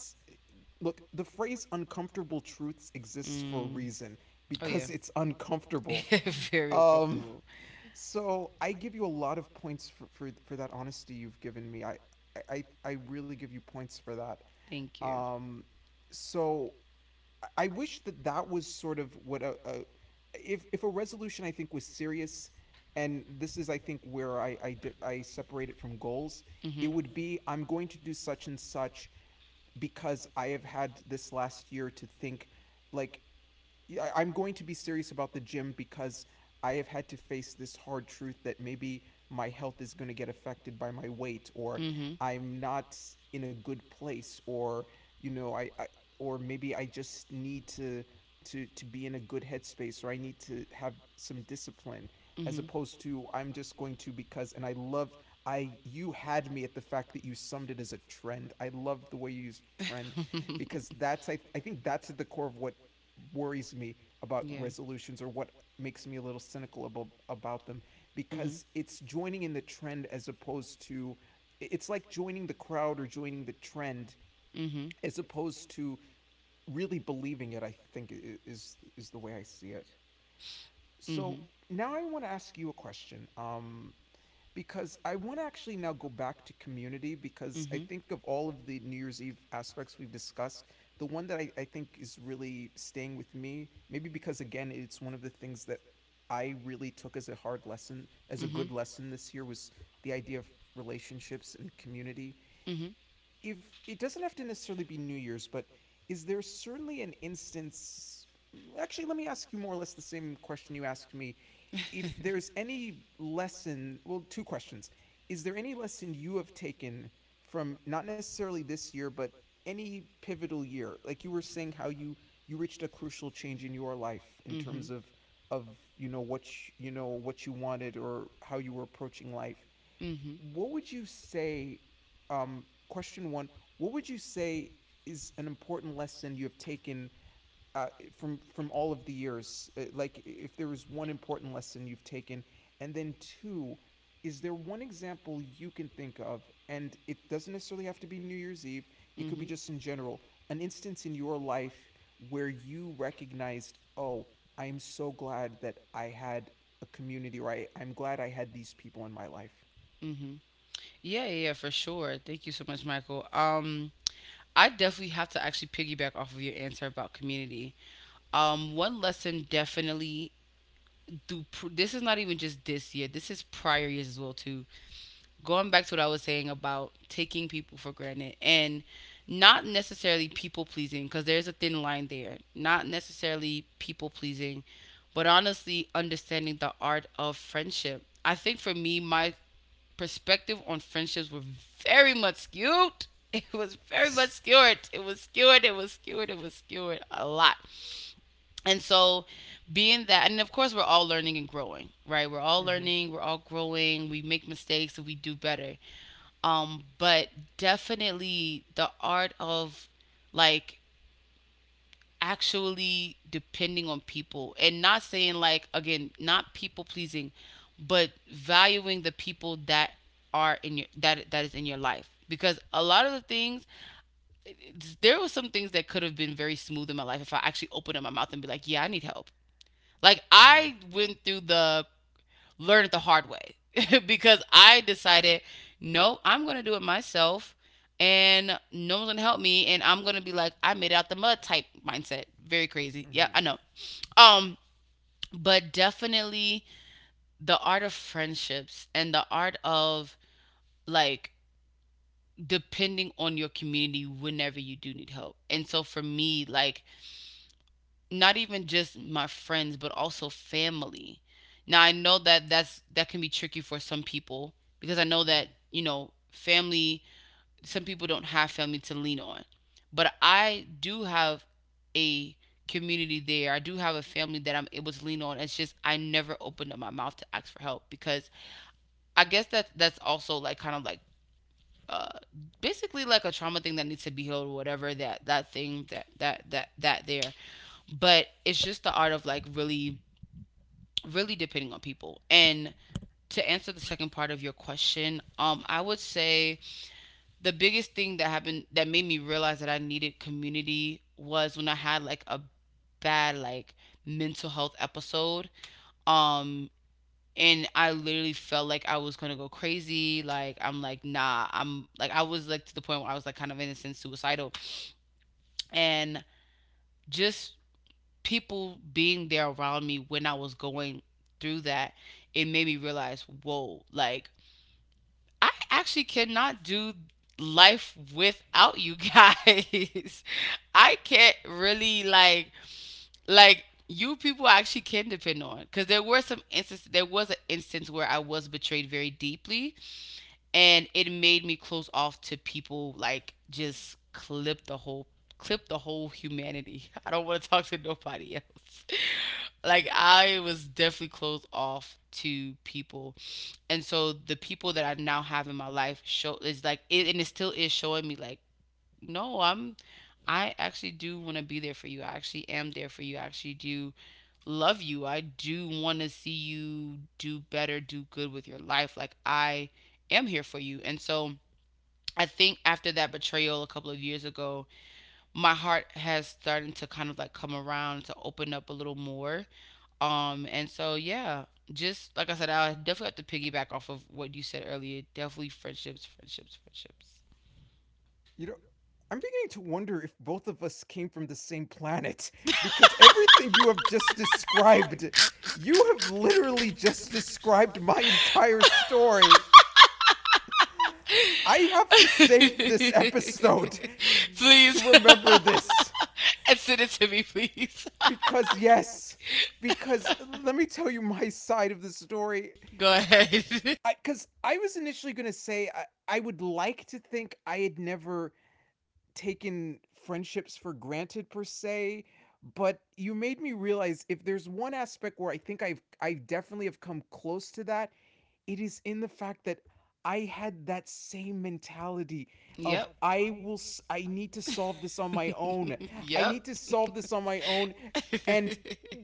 look, the phrase "uncomfortable truths" exists for a Reason. reason, Oh, yeah. because it's uncomfortable. If you're [LAUGHS] thinking, Very um um, so I give you a lot of points for for that honesty you've given me. I really give you points for that. Thank you. Um, so I- wish that was sort of what a if a resolution, I think, was serious, and this is, I think, where I separate it from goals. It Mhm. would be, I'm going to do such and such, because I have had this last year to think, like, yeah, I'm going to be serious about the gym, because I have had to face this hard truth that maybe my health is going to get affected by my weight, or Mhm. I'm not in a good place, or, you know, I or maybe I just need to be in a good headspace, or I need to have some discipline, as Mhm. opposed to I'm just going to, because. And I loved, I you had me at the fact that you summed it as a trend. I loved the way you used trend, because [LAUGHS] [LAUGHS] that's I think that's at the core of what worries me about Yeah. resolutions, or what makes me a little cynical about, them, Mhm. because it's joining in the trend, as opposed to, it's like joining the crowd or joining the trend, Mhm. as opposed to really believing it, I think, is the way I see it. So Mhm. now I want to ask you a question. Because I want to actually now go back to community, because I Mhm. think, of all of the New Year's Eve aspects we've discussed, the one that I think is really staying with me, maybe because, again, it's one of the things that I really took as a hard lesson, as a Mhm. good lesson this year, was the idea of relationships and community. Mhm. If it doesn't have to necessarily be New Year's, but is there certainly an instance? Actually, let me ask you more or less the same question you asked me. If [LAUGHS] there's any lesson, well, two questions. Is there any lesson you have taken from, not necessarily this year, but any pivotal year? Like you were saying how you reached a crucial change in your life, in Mhm. terms of you know what you know, what you wanted, or how you were approaching life. Mhm. What would you say, question 1, what would you say is an important lesson you have taken, uh, from all of the years? Like, if there was one important lesson you've taken, and then two, is there one example you can think of, and it doesn't necessarily have to be New Year's Eve? It could be Mhm. just in general, an instance in your life where you recognized, oh, I am so glad that I had a community, or I'm glad I had these people in my life. Mhm. [LAUGHS] Yeah, yeah, for sure. Thank you so much, Michael. I definitely have to actually piggyback off of your answer about community. One lesson, definitely, this is not even just this year, this is prior years as well, too. Going back to what I was saying about taking people for granted, and not necessarily people pleasing, because there's a thin line there. Not necessarily people pleasing, but honestly understanding the art of friendship. I think for me, my perspective on friendships were very much skewed. [LAUGHS] It was very much [LAUGHS] skewed, it was skewed, it was skewed, it was skewed a lot. And so, being that, and of course we're all learning and growing, right? We're all Mm-hmm. learning, we're all growing, we make mistakes and we do better. But definitely the art of, like, actually depending on people, and not saying, like, again, not people pleasing, but valuing the people that are in your — that is in your life, because a lot of the things — there were some things that could have been very smooth in my life if I actually opened up my mouth and be like, yeah, I need help. Like, Mm-hmm. I went through the learn it the hard way. [LAUGHS] Because I decided, no, I'm gonna do it myself, and no one's gonna help me, and I'm gonna be like, I made it out the mud type mindset. Very crazy. Yeah, Mm-hmm. I know. Um, but definitely the art of friendships, and the art of, like, depending on your community whenever you do need help. And so for me, like, not even just my friends but also family. Now I know that — that can be tricky for some people, because I know that, Mm-hmm. you know, family — some people don't have family to lean on, but I do have a community there. I do have a family that I'm able to lean on. It's just I never opened up my mouth to ask for help, because I guess that's also, like, kind of like, uh, basically, like, a trauma thing that needs to be healed or whatever, that that thing that that that that there. But it's just the art of, like, really, really depending on people, and, to answer the second part of your question, I would say the biggest thing that happened that made me realize that I needed community was when I had, like, a bad, like, mental health episode. um and I literally felt like I was gonna go crazy. Like, I'm like, nah, I'm like, I was like, to the point where I was like, kind of, in a sense, suicidal, and just people being there around me when I was going through that, it made me realize, whoa, like, I actually cannot do life without you guys. [LAUGHS] I can't really, like you people I actually can depend on, because there were some instances — there was an instance where I was betrayed very deeply, and it made me close off to people, like, just clip the whole humanity. [LAUGHS] I don't want to talk to nobody else. [LAUGHS] Like, I was definitely closed off to people. And so the people that I now have in my life show — is like it, and it still is showing me, like, no, I'm — I actually do want to be there for you. I actually am there for you. I actually do love you. I do want to see you do better, do good with your life. Like, I am here for you. And so I think, after that betrayal a couple of years ago, my heart has started to kind of, like, come around to open up a little more. And so, yeah, just like I said, I definitely have to piggyback off of what you said earlier. Definitely friendships, friendships, friendships. You know, I'm beginning to wonder if both of us came from the same planet, [LAUGHS] because everything you have just described, you have literally just described my entire story. I have to save this episode [LAUGHS] [LAUGHS] to Please. [LAUGHS] remember this, And send it to me, please. because, yes, because let me tell you my side of the story. [LAUGHS] Go ahead. I Cuz I was initially going to say, I would like to think I had never taken friendships for granted, per se, but you made me realize, if there's one aspect where I think I definitely have come close to that, it is in the fact that I had that same mentality of [LAUGHS] Yep. I need to solve this on my own. [LAUGHS] I Yep. need to solve this on my own, and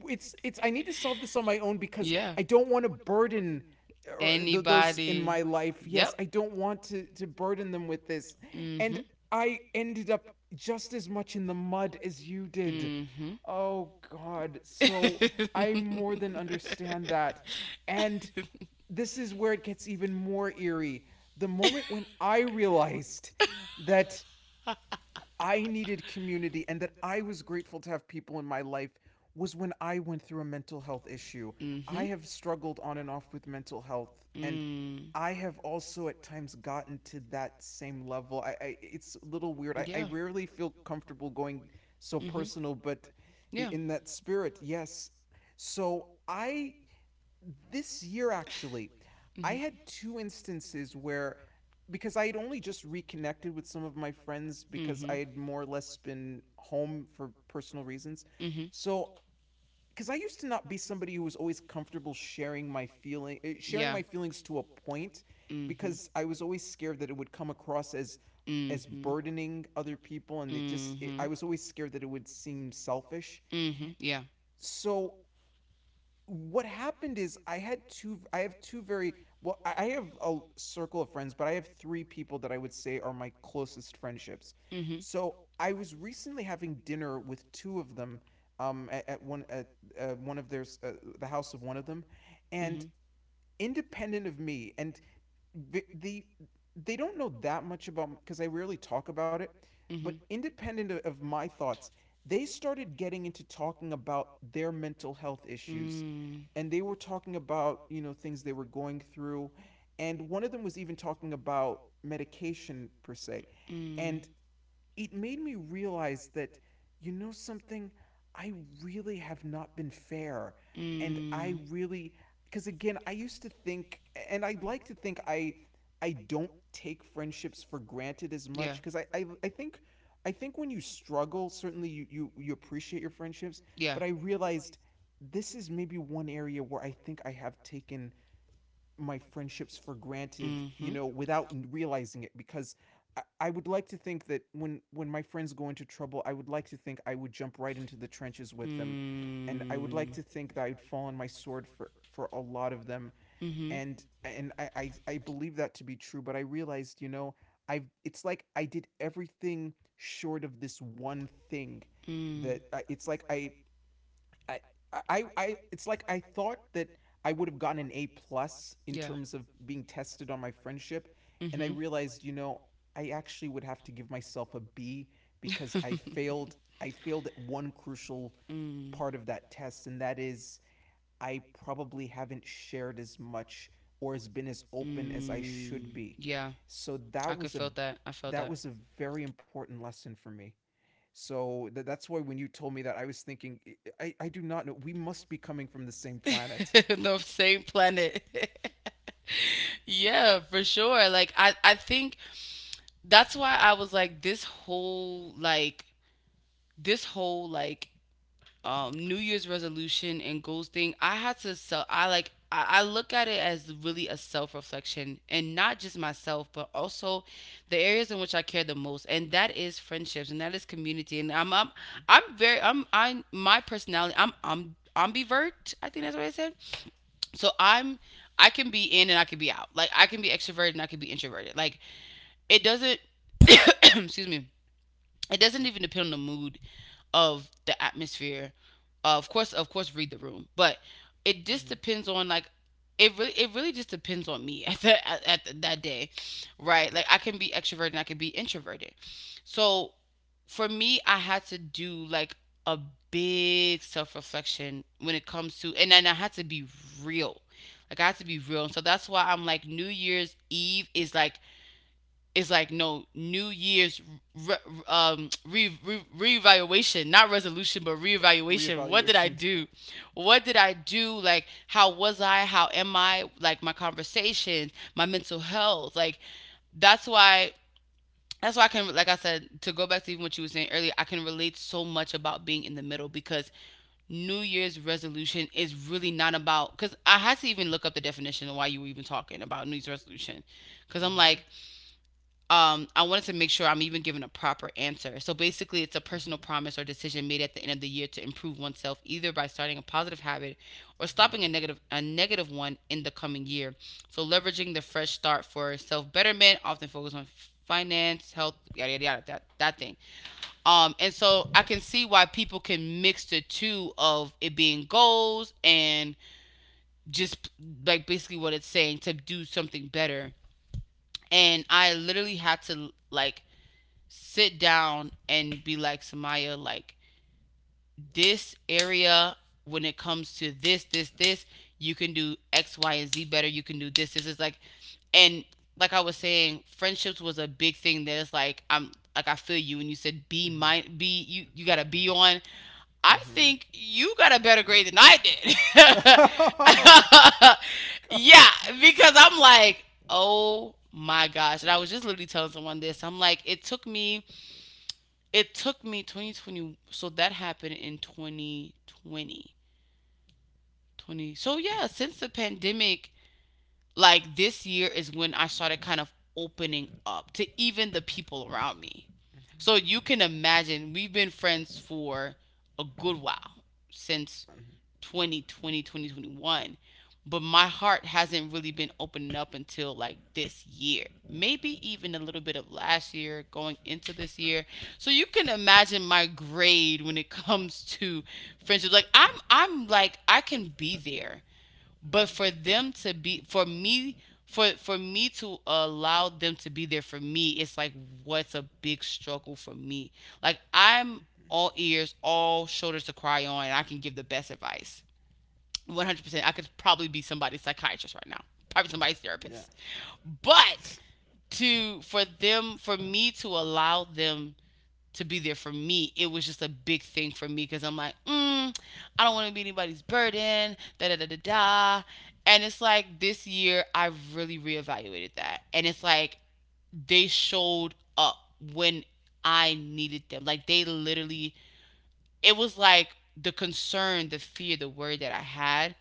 it's I need to solve this on my own, [LAUGHS] because Yeah. I don't want to burden, or those in Anybody. my life. Yes, Yep. I don't want to burden them with this. And Mm-hmm. I ended up just as much in the mud as you did. Mm-hmm. Oh god. So I more than understand that. And [LAUGHS] this is where it gets even more eerie. The moment when I realized that I needed community and that I was grateful to have people in my life was when I went through a mental health issue. Mm-hmm. I have struggled on and off with mental health and Mm. Times gotten I to. have also at times gotten to that same level. I It's a little weird. I rarely feel comfortable going so Yeah. Mhm. personal, but Yeah. in that spirit, yes. So I this year, actually, I had two instances where because I had only just reconnected with some of my friends Mhm. Mhm. Because I because I spend home had for. more or less been home for personal reasons. Mhm. It-. So, because I used to not be somebody who was always comfortable sharing my feeling, sharing Yeah. my feelings to a point, Mhm. because I was always Because. scared that Mhm. it As. would come across as Mhm. burdening other people, and I Say. was always scared that it would seem selfish. Mhm. Yeah. So what happened is I have two very, well, I have a circle of friends, but I have three people that I would say are my closest friendships. Mhm. Mhm. And. Mhm. So I was recently having dinner with two of them at one at one of their the house of one of them and independent of me and the, the they don't know that much about because I rarely talk about it, but It. independent of my thoughts, they started getting into talking about their mental health issues Mm. and they were talking about things they were going through and one of them was even talking about medication per se and Mm. it made me realize that, something, I really have not been fair. And I Mm. really, because again, I used to think, and I'd like to think I don't take friendships for granted as much Yeah. because I think when you struggle, certainly you appreciate your friendships, Yeah. but I realized this is maybe one area where I think I have taken my friendships for granted, Mm-hmm. Without realizing it because I would like to think that when my friends go into trouble, I would like to think I would jump right into the trenches with them and I would like Mm. to think that I'd fall on my sword for a lot of them Mm-hmm. and I believe that to be true, but I realized, I've it's like I did everything short of this one thing that Mm. It's like I, it's like I thought that I would have gotten an A plus in Yeah. terms of being tested on my friendship, and I Mm-hmm. realized, I actually would have to give myself a B [LAUGHS] because I failed. I failed at one crucial part Mm. of that test, and that is I probably haven't shared as much or has been as open as I should Mm. be. Yeah. So I could feel that. I felt that that. was a very important lesson for me. So that's why when you told me that, I was thinking, I do not know. We must be coming from the same [LAUGHS] planet. The same planet. [LAUGHS] Yeah, for sure. Like, I think that's why I was like, this whole, like, this whole like New Year's resolution and goals thing. I had to sell. I look at it as really a self reflection and not just myself, but also the areas in which I care the most, and that is friendships and that is community. And I'm very I'm I My personality, I'm ambivert. I think that's what I said. So I can be in and I can be out. Like, I can be extroverted and I can be introverted. Like, it doesn't — [COUGHS] excuse me — it doesn't even depend on the mood of the atmosphere. Of course, of course, read the room, but it just Mm-hmm. depends on, like — it really just depends on me [LAUGHS] at the, that day, right? Like, I can be extroverted and I can be introverted. So for me, I had to do, like, a big self reflection when it comes to, and then I had to be real. Like, I had to be real, and so that's why I'm like, New Year's Eve is like — no, New Year's re, um, re, re, reevaluation, not resolution, but reevaluation. What did I Reevaluation. Do? What did I do? Like, how was I? How am I? Like, my conversations, my mental health. Like, that's why. That's why I can, like I said, to go back to even what you were saying earlier, I can relate so much about being in the middle, because New Year's resolution is really not about. Because I had to even look up the definition of why you were even talking about New Year's resolution. Because I'm like, Mm-hmm, I wanted to make sure I'm even giving a proper answer. So basically, it's a personal promise or decision made at the end of the year to improve oneself, either by starting a positive habit or mm-hmm, stopping a negative one in the coming year. So leveraging the fresh start for self betterment, often focus on finance, health, yada yada yada, that thing. And so I can see why people can mix the two of it being goals and just, like, basically what it's saying, to do something better. And I literally had to, like, sit down and be like, Samaya, like, this area — when it comes to this, this, this, you can do X, Y, and Z better. You can do this. This is, like, and, like I was saying, friendships was a big thing, that it's like, I'm like, I feel you, and you said, mm-hmm, be you gotta be on. I mm-hmm, think you got a better grade than I did. [LAUGHS] oh, [LAUGHS] God. Yeah, because Mm-hmm, I'm like, oh my gosh. And I was just literally telling someone this. I'm like, it took me 2020, so that happened in 2020, 20, twenty. So, yeah, since the pandemic, like, this year is when I started kind of opening up to even the people around me. So you can imagine we've been friends for a good while since mm-hmm, Twenty twenty, twenty twenty one. But my heart hasn't really been opening up until, like, this year, maybe even a little bit of last year going into this year. So you can imagine my grade when it [LAUGHS] comes to friendships. Like, I'm — I'm like, I can be there, but mm-hmm. for them to be, for me to allow them to be there for me, it's like — what's a big struggle for me. Like, I'm all ears, all shoulders to cry on, and I can give the best advice. 100%. I could probably be somebody's psychiatrist right now, probably somebody's Yeah. therapist. But to for them, for me to allow them to be there for me, it was just a big thing for me because I don't want to be anybody's burden, da da da da da. And it's like this year I really reevaluated that. And it's like they showed up when I needed them. Like they literally, it was like the concern, the fear, the worry that I had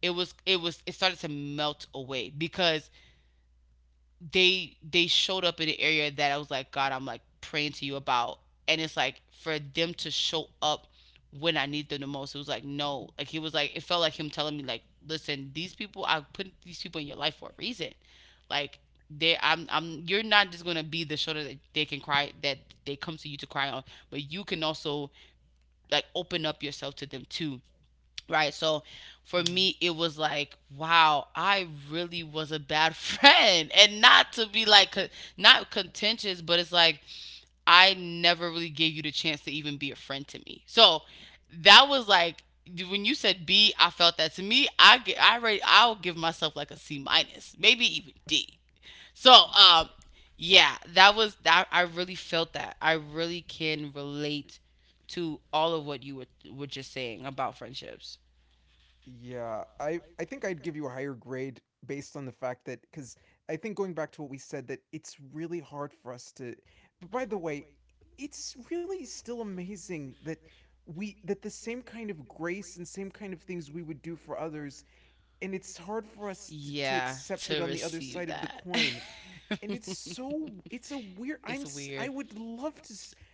it was it was it started to melt away because they showed up in an area that I was like, God, I'm like praying to you about. And it's like for them to show up when I need them the most. It was like, no. Like he was like it felt like him telling me like, listen, these people I put these people in your life for a reason. Like they I'm you're not just gonna be the shoulder that they come to you to cry on, but you can also like open up yourself to them too. Right. So for Mm-hmm. me, it was like, wow, I really was a bad [LAUGHS] friend. And not to be like, not contentious, but it's like, I never really gave you the chance to even be a friend to me. So that was like, when you said B, I felt that to me, I, get I already, I'll give myself like a C minus, maybe even D. So, yeah, that was that. I really felt that. I really can relate to all of what you were just saying about friendships. Yeah, I think I'd give you a higher grade based on the fact that, because I think, going back to what we said, that it's really hard for us to. But by the way, it's really still amazing that we that the same kind of grace and same kind of things we would do for others, and it's hard for us to Yeah, accept it to on the other side receive of the that. coin, and [LAUGHS] it's a weird, It's I am, I weird. would love to.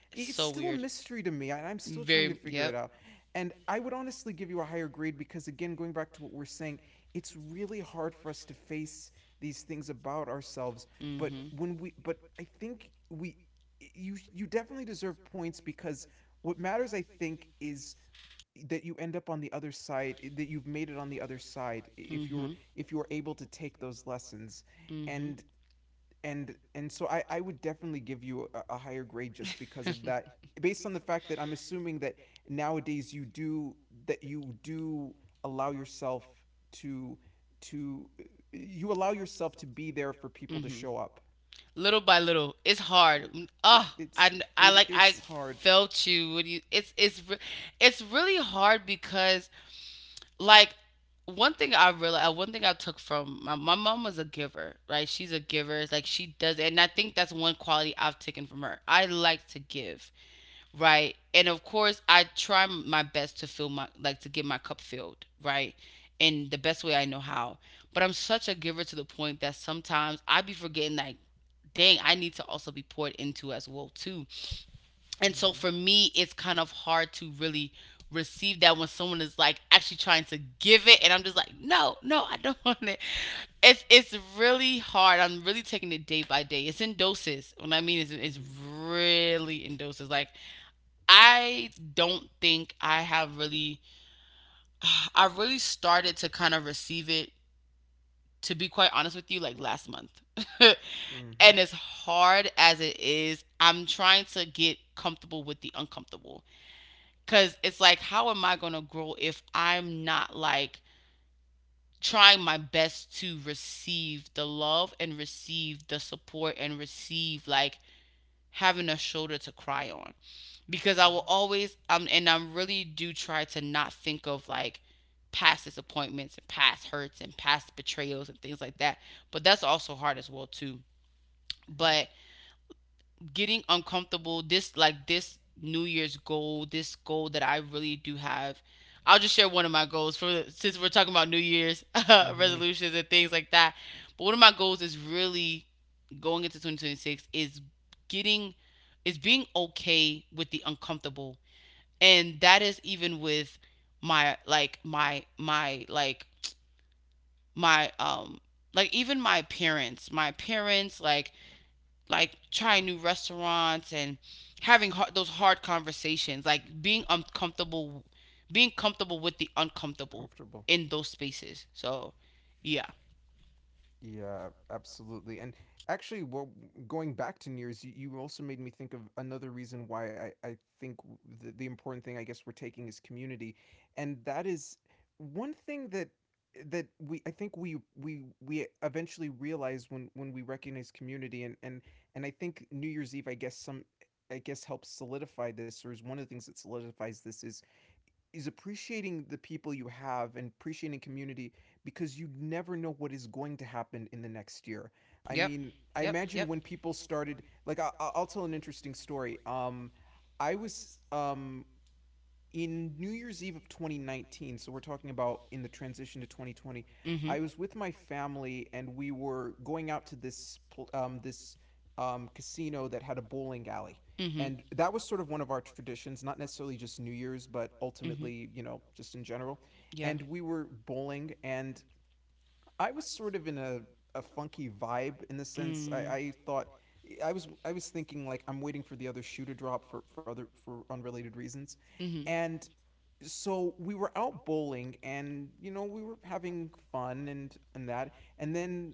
It's So still a weird. mystery to me and I'm still trying to Very, figure it yep. out, and I would honestly give you a higher grade because, again, going back to what we're saying, it's really hard for us to face these things about ourselves, but Mm-hmm. when we but I think we, you definitely deserve points because what matters, I think, is that you end up on the other side, that you've made it on the other side if you're Mm-hmm. if you're able to take those lessons, Mm-hmm. and and so I would definitely give you a higher grade just because of that, [LAUGHS] based on the fact that I'm assuming that nowadays you do, that you do allow yourself to to to be there for people to mm-hmm. show up. Little by little, it's hard. It, Oh, it's I, I it like it's I hard. felt you when you. It's really hard because like one thing I realized, one thing I took from my mom was a giver, right? She's a giver. It's like she does, and I think that's one quality I've taken from her. I like to give, right? And of course, I try my best to fill my, like to get my cup filled, right? In the best way I know how. But I'm such a giver to the point that sometimes I be forgetting, like, dang, I need to also be poured into as well too. And Mhm. so for me it's kind of hard to really receive that when someone is like actually trying to give it and I'm just like no, no, I don't [LAUGHS] want it. It's really hard. I'm really taking it day by day. It's in doses. What I mean is it's Mhm. really in doses. Like I don't think I have really [SIGHS] I really started to kind of receive it, to be quite honest with you, like last month. [LAUGHS] Mhm. And as hard as it is, I'm trying to get comfortable with the uncomfortable. Cause it's like, how am I gonna grow if I'm not like trying my best to receive the love and receive the support and receive like having a shoulder to cry on? Because I Mhm. will always and I really do try to not think of like past disappointments and past hurts and past betrayals and things like that. But that's also hard as well too. Mhm. But getting uncomfortable, this like this new year's goal, this goal that I really do have, I'll just share one of my goals for, since we're talking about new year's, [LAUGHS] Mhm. resolutions and things like that. But one of my goals is really, going into 2026, is getting, is being okay with the uncomfortable. And that is even with my like my my like my like even my parents, my parents like trying new restaurants and having hard, those hard conversations, like being uncomfortable, being comfortable with the uncomfortable Comfortable. in those spaces. So, yeah. Yeah, absolutely. And actually, well, going back to Nears, you also made me think of another reason why I think the important thing, I guess, we're taking is community. And that is one thing that that we I think we eventually realize when we recognize community, and I think New Year's Eve, I guess, some, I guess, helps solidify this, or is one of the things that solidifies this is appreciating the people you have and appreciating community, because you never know what is going to happen in the next year. I Yep. mean, I imagine when people started, like, I'll tell an interesting story. I was in New Year's Eve of 2019, so we're talking about in the transition to 2020. I Mhm. was with my family and we were going out to this casino that had a bowling alley. Mhm. And that was sort of one of our traditions, not necessarily just New Year's, but ultimately, just in general. Yeah. And we were bowling, and I was sort of in a funky vibe, in the sense I thought I was thinking, like, I'm waiting for the other shoe to drop for unrelated reasons, Mhm. and so we were out bowling and we were having fun, and that and then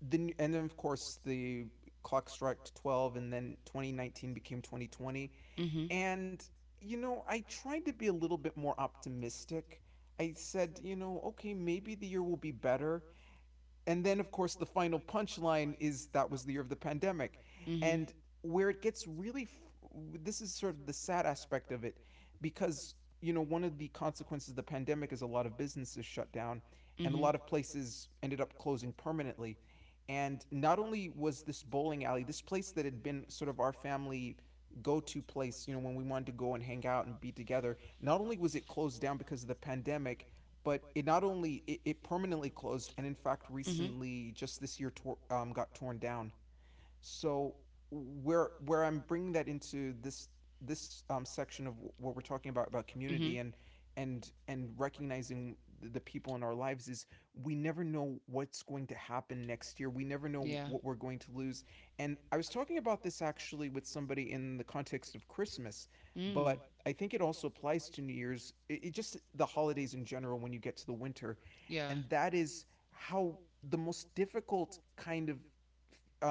and then, of course, the clock struck 12 and then 2019 became 2020. Mm-hmm. And I tried to be a little bit more optimistic. I said, okay, maybe the year will be better. And then, of course, the final punchline is that was the year of the pandemic. Mm-hmm. And where it gets really, this is sort of the sad aspect of it, because, one of the consequences of the pandemic is a lot of businesses shut down And and a mm-hmm. lot of places ended up closing permanently. And not only was this bowling alley, this place that had been sort of our family go to place, when we wanted to go and hang out and be together, not only was it closed down because of the pandemic, but it not only it permanently closed, and in fact Mhm. recently, just this year, got torn down. So where I'm bringing that into this, section of what we're talking about Mm-hmm. community and and recognizing the people in our lives, is we never know what's going to happen next year. And We never know what we're going to lose. And I was talking about this actually with somebody in the context of Christmas, mm. but I think it also applies to New Year's. It Just the holidays in general, when you get to the winter, Yeah. and that is how the most difficult kind of,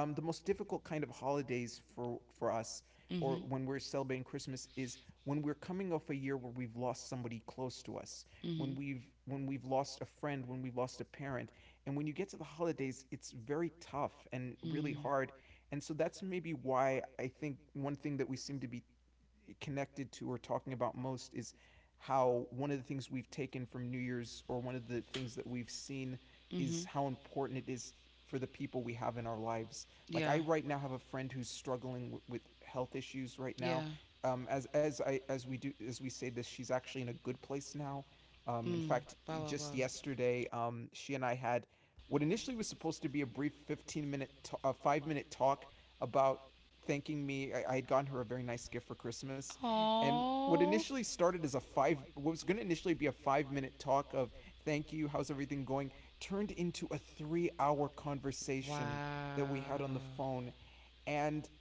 holidays for us, Mm-hmm. or when we're celebrating Christmas, is when we're coming off a year where we've lost somebody close to us, Mm-hmm. when we've lost a friend, when we've lost a parent, and And when you get to the holidays, it's very tough and really really hard. And so that's maybe why I think one thing that we seem to be connected to, or talking about most, is how one of the things we've taken from New Year's, or one of the things that we've seen, mm-hmm. is how important it is for the people we have in our lives. Yeah. Like, I right now have a friend who's struggling with health issues right Yeah. Now, now. As I as we do, as we say this, she's actually in a good place now. In mm. fact, Wow, wow, wow. just yesterday, she and I had what initially was supposed to be a brief 15-minute, a 5-minute talk about thanking me. I had gotten her a very nice gift for Christmas, and what Oh. initially started as what was going to initially be a 5-minute talk of thank you, how's everything going, turned into a 3-hour Wow. conversation that we had on the phone, and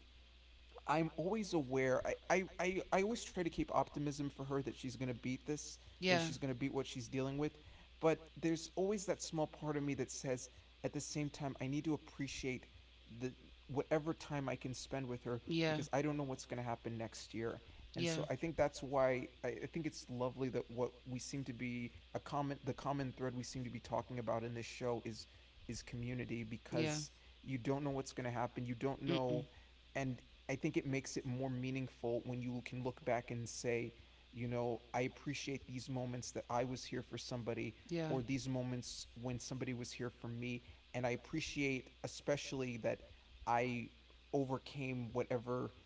I'm always aware. I always try to keep optimism for her that she's going to beat this, Yeah. and she's going to beat what she's dealing with. But there's always that small part of me that says, at the same time, I need to appreciate the whatever time I can spend with her Yeah. because I don't know what's going to happen next year. And Yeah. so I think that's why I think it's lovely that what we seem to be a common the common thread we seem to be talking about in this show is community Yeah. because you Because don't know what's going to happen. You don't mm-mm. know. And I think it makes it more meaningful when you can look back and say, you know, I appreciate these moments that I was here for somebody Yeah. or these moments when somebody was here for me. And I appreciate especially that I overcame whatever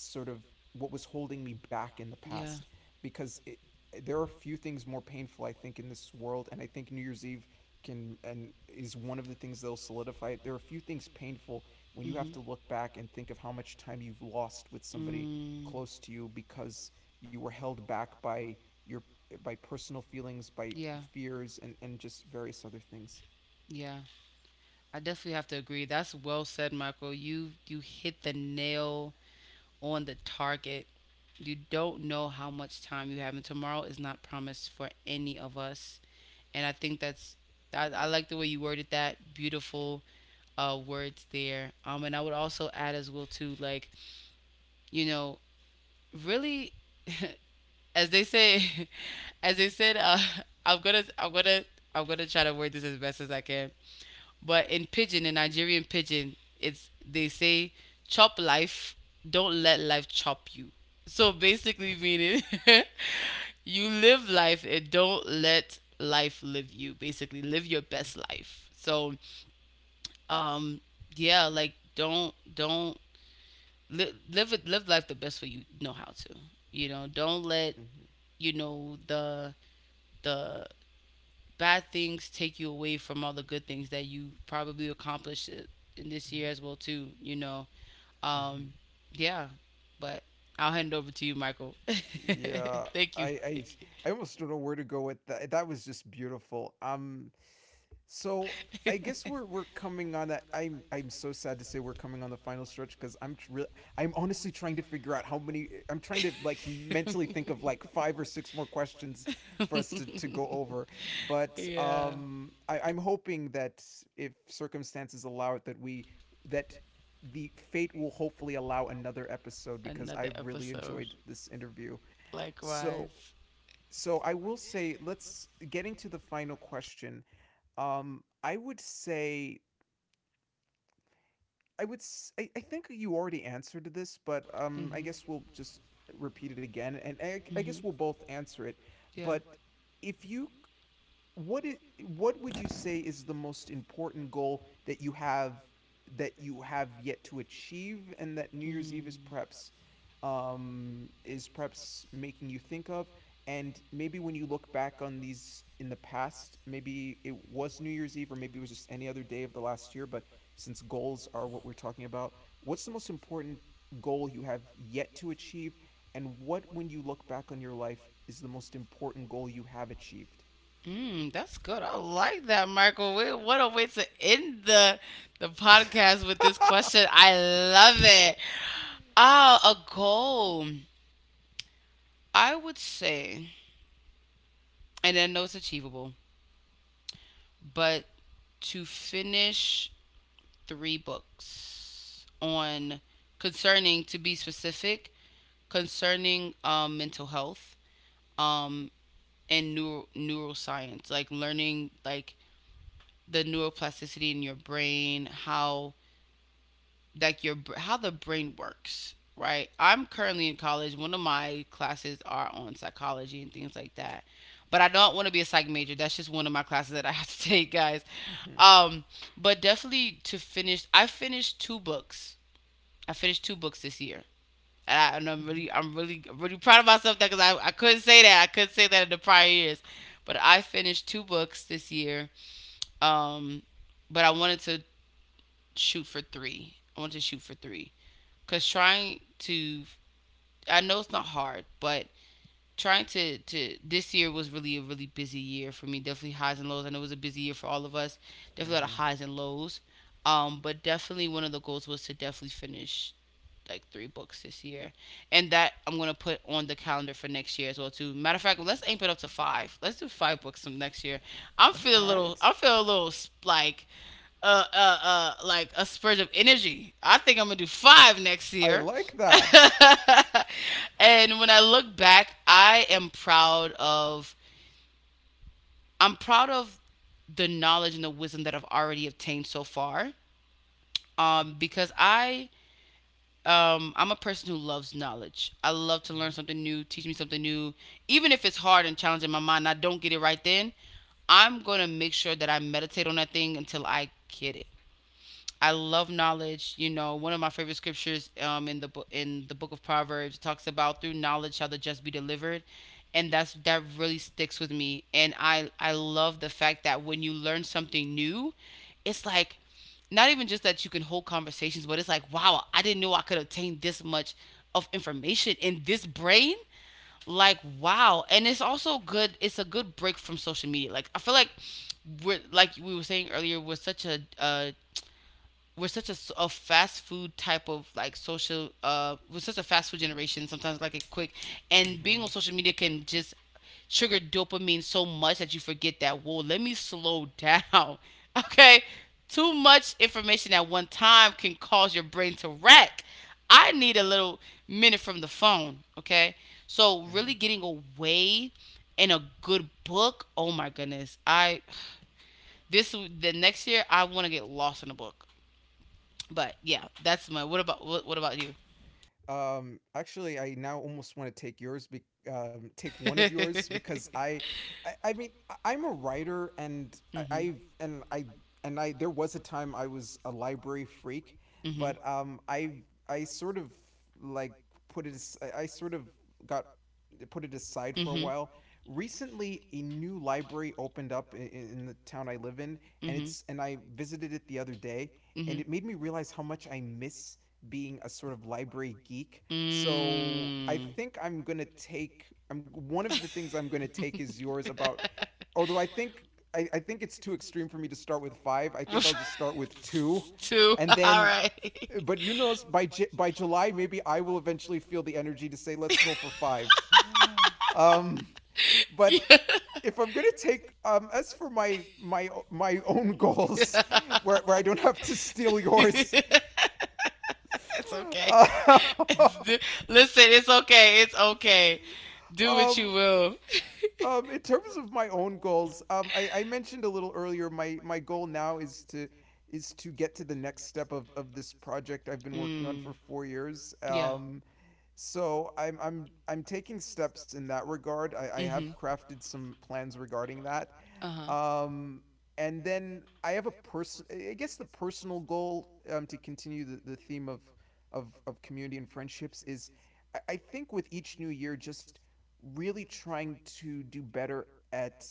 sort of what was holding me back in the Yeah. past because it, there are few things more painful I think in this world, and I think New Year's Eve can and is one of the things that'll solidify it. There are a few things painful You when you mhm. have to look back and think of how much time you've lost with somebody Mm. close to you because you were held back by your by personal feelings, by Yeah. fears, and just various other things. Yeah. I definitely have to agree. That's well said, Michael. You hit the nail on the target. You don't know how much time you have, and tomorrow is not promised for any of us. And I think that's I like the way you worded that. Beautiful words there. And I would also add as well too, like you know, really, [LAUGHS] as they say, [LAUGHS] as they said, [LAUGHS] I'm gonna I'm gonna I'm gonna try to word this as best as I can. But in pidgin, in Nigerian pidgin, it's they say chop life, don't let life chop you. So basically meaning [LAUGHS] you live life and don't let life live you. Basically, live your Mm-hmm, best life. So um yeah, like don't li- live it, live life the best way you know how to. You know, don't let you know the bad things take you away from all the good things that you probably accomplished in this year as well too, you know. mm-hmm, um mm-hmm. yeah. But I'll hand it over to you, Michael. [LAUGHS] Yeah, Thank I you. I Thank I almost don't know where to go with that. That was just beautiful. So I guess we're coming on that. I'm so sad to say we're coming on the final stretch because I'm tr- really I'm honestly trying to figure out how many. I'm trying to like mentally think of like five or six more questions for us to you. go over. [LAUGHS] But Yeah, I'm hoping that if circumstances allow it, that the fate will hopefully allow another episode because another I've really episode. enjoyed this interview. So Likewise. so I will say, let's getting to the final question. I would say I would s- I think you already answered this, but I Hmm. guess we'll just repeat it again, and I Hmm. guess we'll both answer it. Yeah. But if you what is what would you say is the most important goal that you have, that you have yet to achieve, and that New Year's Eve Mm. Is perhaps making you think of, and maybe when you look back on these in the past, maybe it was New Year's Eve or maybe it was just any other day of the last year? But since goals are what we're talking about, what's the most important goal you have yet to achieve, and what, when you look back on your life, is the most important goal you have achieved? Mm, that's good. I like that, Michael. We- What a way to end the podcast with [LAUGHS] this question. I love it. Ah, a goal. I would say, and I know it's achievable, but to finish three books on, concerning, to be specific, concerning mental health, um, and neuroscience, like learning like the neuroplasticity in your brain, how like your how the brain works, right? I'm currently in college. One of my classes are on psychology and things like that, but I don't want to be a psych major. That's just one of my classes that I have to [LAUGHS] take, guys. Mhm, um but definitely to finish, I finished two books this year. And I'm mhm, really, really proud of myself because I couldn't say that, in the prior years. But I finished two books this year. um but I wanted to shoot for three. Because trying to, I know it's not hard, but this year was really a really busy year for me. Definitely highs and lows. I know it was a busy year for all of us. Definitely a lot of mhm. highs and lows. But definitely one of the goals was to definitely finish like three books this year, and that I'm gonna put on the calendar for next year as well too. Matter of fact, let's aim it up to five. Let's do five books some next year. All right. I'm feeling a little like like a spurge of energy. I think I'm gonna do five next I year. like that. [LAUGHS] And when I look back, I'm proud of the knowledge and the wisdom that I've already obtained so far. Because I'm a person who loves knowledge. I love to learn Mhm, something new, teach me something new, even if it's hard and challenging my mind. And I don't get it right then. I'm gonna make sure that I meditate on that thing until I get it. I love knowledge. You know, one of my favorite scriptures, in the book of Proverbs talks about through knowledge shall the just be delivered, and that's that really sticks with me. And I love the fact that when you learn something new, it's like not even just that you can hold conversations, but it's like wow, I didn't know I could obtain this much of information in this brain, like wow. And it's also good, it's a good break from social media. Like I feel like we were saying earlier, we're such a we're such a, s- a fast food type of like social we're such a fast food generation sometimes, like it quick, and being mhm, on social media can just trigger dopamine so much that you forget that, whoa, let me slow down. [LAUGHS] Okay, too much information at one time can cause your brain to rack. I need a little minute from the phone, okay? So mhm. really getting away, and a good book, oh my goodness. I [SIGHS] this The next year I want to get lost in a book. But yeah, that's my. What about what about you? Actually, I now almost want to take yours, take [LAUGHS] one of yours Because because I mean, I'm a writer, and I, I've and I there was a time I was a library freak, mhm. but I sort of like put it. As- I sort of got put it aside for a Mhm. while. Recently, a new library opened up in the town I live in, and Mhm. it's and I visited it the other day, and Mhm. it made me realize how much I miss being a sort of library geek. So I Mm. think I'm gonna take. I'm one of the things I'm gonna take is yours about. [LAUGHS] Although I think I think it's too extreme for me to start with five. I Well, think I'll just start with two, [LAUGHS] two. and [LAUGHS] then. Right. But you know, by July, maybe I will eventually feel the energy to say, "Let's go for five." [SIGHS] Um, but [LAUGHS] But yeah. if I'm gonna take as for my my own [LAUGHS] [LAUGHS] goals, where I don't Goals, have to steal toys, yours, [LAUGHS] it's okay. uh, [LAUGHS] D- Listen, it's okay. It's okay. [LAUGHS] Do what um. you will. In terms of my own goals, I mentioned a little earlier my goal now is to get to the next step of this project I've been working on Mm. for 4 years. Yeah. So I'm taking steps in that regard. I have Mhm. crafted some plans regarding that. Uh huh. Um, and then I have a person. I guess the personal goal, to continue the theme of, of community and friendships is, I think with each new year, just really trying to do better at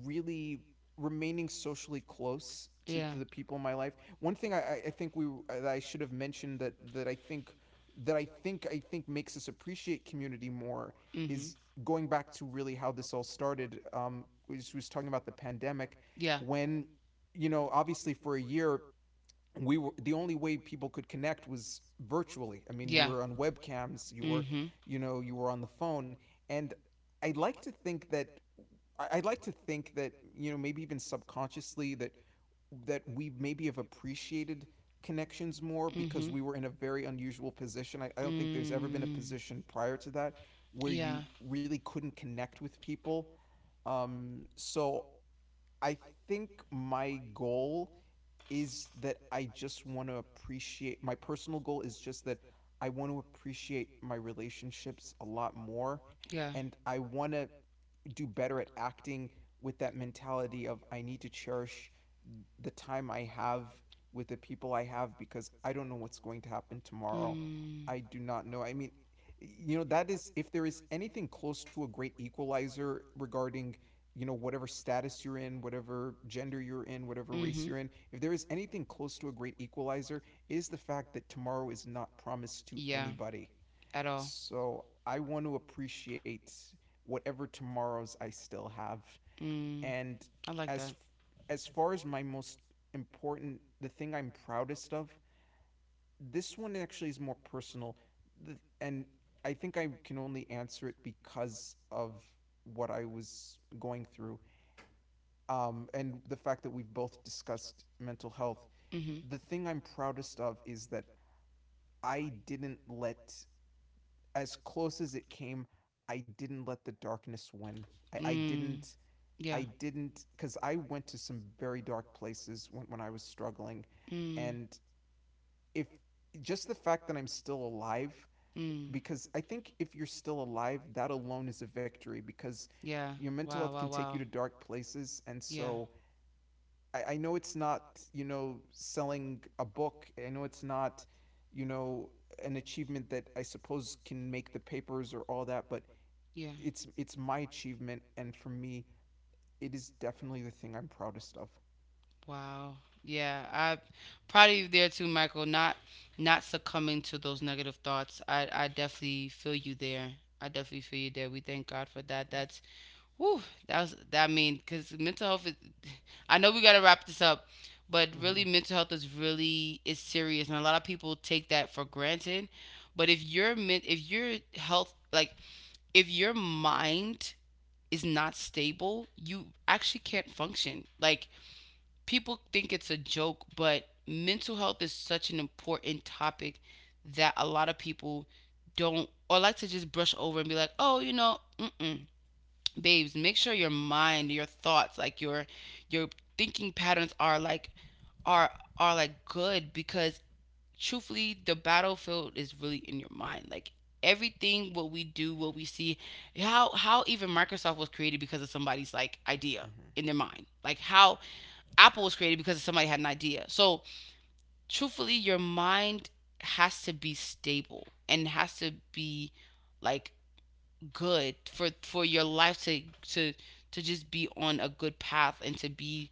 really remaining socially close to, Yeah. to the people in my life. One thing I, think we that I should have mentioned that I think makes us appreciate community more Mhm. is going back to really how this all started. We was talking about the pandemic, Yeah. when, you know, obviously for a year, we were the only way people could connect was virtually. I mean, you Yeah. were on webcams, you were, Mhm. you know, you were on the phone, and I like to think that I would like to think that, you know, maybe even subconsciously, that we maybe have appreciated connections more because Mhm. we were in a very unusual position. I don't think there's ever been a Mm. position prior to that where Yeah. you really couldn't connect with people. So I think my goal is that I just want to appreciate my personal goal is just that I want to appreciate my relationships a lot more, Yeah. and I want to do better at acting with that mentality of I need to cherish the time I have with the people I have because I don't know what's going to happen tomorrow. Mm. I do not know. I mean, you know, that is, if there is anything close to a great equalizer regarding, you know, whatever status you're in, whatever gender you're in, whatever race Mhm. you're in, if there is anything close to a great equalizer, it is the fact that tomorrow is not promised to Yeah. anybody. At all. So I want to appreciate whatever tomorrows I still have. Mm, And I like as that. Far as my most important, the thing I'm proudest of, this one actually is more personal, and I think I can only answer it because of what I was going through, and the fact that we've both discussed mental health, Mm-hmm. the thing I'm proudest of is that I didn't let, as close as it came, I didn't let the darkness win. I, I Mm. didn't, Yeah. I didn't, because I went to some very dark places when I was struggling. Mm. And if just the fact that I'm still alive, Mm. because I think if you're still alive, that alone is a victory because Yeah. your mental health Wow. can Wow. take you Wow. to dark places. And Yeah. so, I know it's not, you know, selling a book. I know it's not, you know, an achievement that I suppose can make the papers or all that, but Yeah. It's my achievement, and for me, it is definitely the thing I'm proudest of. Wow. Yeah, I proud of you there too, Michael. Not not succumbing to those negative thoughts. I definitely feel you there. I definitely feel you there. We thank God for that. That's whew, that was that because mental health. Is, I know we gotta wrap this up, but Mm-hmm. really mental health is really is serious, and a lot of people take that for granted. But if your health like if your mind is not stable, you actually can't function. Like people think it's a joke, but mental health is such an important topic that a lot of people don't or like to just brush over and be like, oh, you know, mm-mm. Babes, make sure your mind, your thoughts, like your thinking patterns are like are are like good, because truthfully the battlefield is really in your mind. Like everything what we do, what we see, how even Microsoft was created because of somebody's like idea Mm-hmm. in their mind, like how Apple was created because somebody had an idea. So truthfully, your mind has to be stable and has to be like good for your life to to just be on a good path and to be,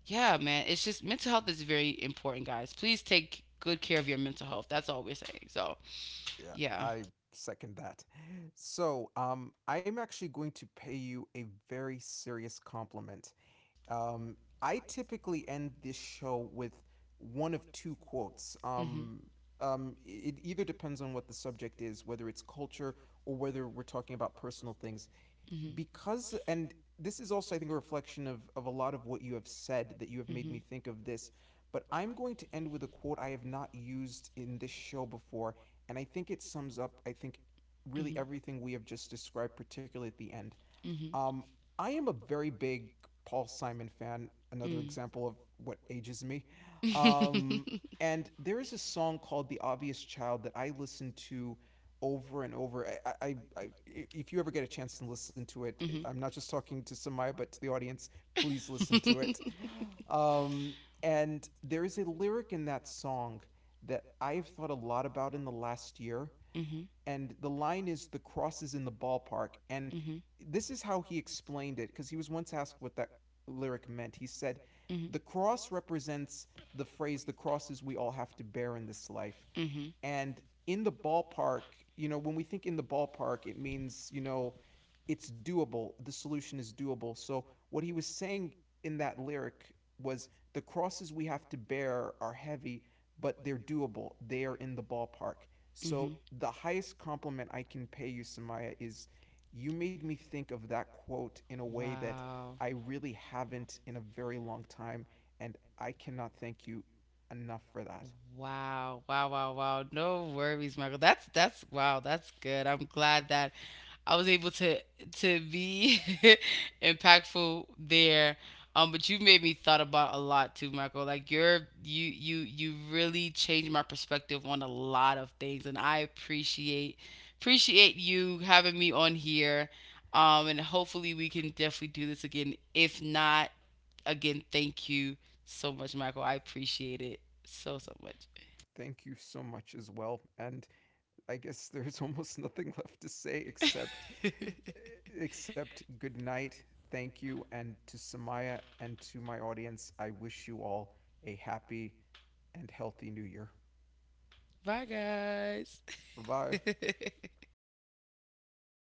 yeah man, it's just mental health is very important, guys, please take good care of your mental health, that's all we're saying. So Yeah, yeah. I second that. So, I'm actually going to pay you a very serious compliment. Um, I typically end this show with one of two quotes. Mhm. Um, it either depends on what the subject is, whether it's culture or whether we're talking about personal things. Mhm. Because, and this is also, I think, a reflection of, a lot of what you have said that you have made me Mhm. think of this. But I'm going to end with a quote I have not used in this show before. And I think it sums up, I think, really Mhm. everything we have just described, particularly at the end. Mhm. Um, I am a very big Paul Simon fan. Another Mm. example of what ages me. [LAUGHS] Um, and there is a song called "The Obvious Child" that I listen to over and over. If you ever get a chance to listen to it, Mhm. I'm not just talking to Samaya, but to the audience. Please listen to it. Um, and there is a lyric in that song that I've thought a lot about in the last year, Mhm. and the line is the cross is in the ballpark. And Mhm. this is how he explained it, because he was once asked what that lyric meant. He said Mhm. the cross represents the phrase the crosses we all have to bear in this life, Mhm. and in the ballpark, you know, when we think in the ballpark, it means, you know, it's doable. The solution is doable. So what he was saying in that lyric was the crosses we have to bear are heavy, but they're doable. They are in the ballpark. Mhm. So [LAUGHS] the highest compliment I can pay you, Samaya, is you made me think of that quote in a way that Wow. I really haven't in a very long time, and I cannot thank you enough for that. that. Wow, wow, wow, wow. No worries, Michael. That's wow, that's good. I'm glad that I was able to be [LAUGHS] impactful there. But you made me thought about a lot too, Michael. Like you're you you you really changed my perspective on a lot of things and I appreciate appreciate you having me on here. And hopefully we can definitely do this again. If not, again, thank you so much, Michael. I appreciate it so, so much. Thank you so much as well. And I guess [LAUGHS] there's almost nothing left to say except good night. Thank you, and to Samaya and to my audience, I wish you all a happy and healthy new year. [LAUGHS] Bye, guys. Bye-bye. [LAUGHS]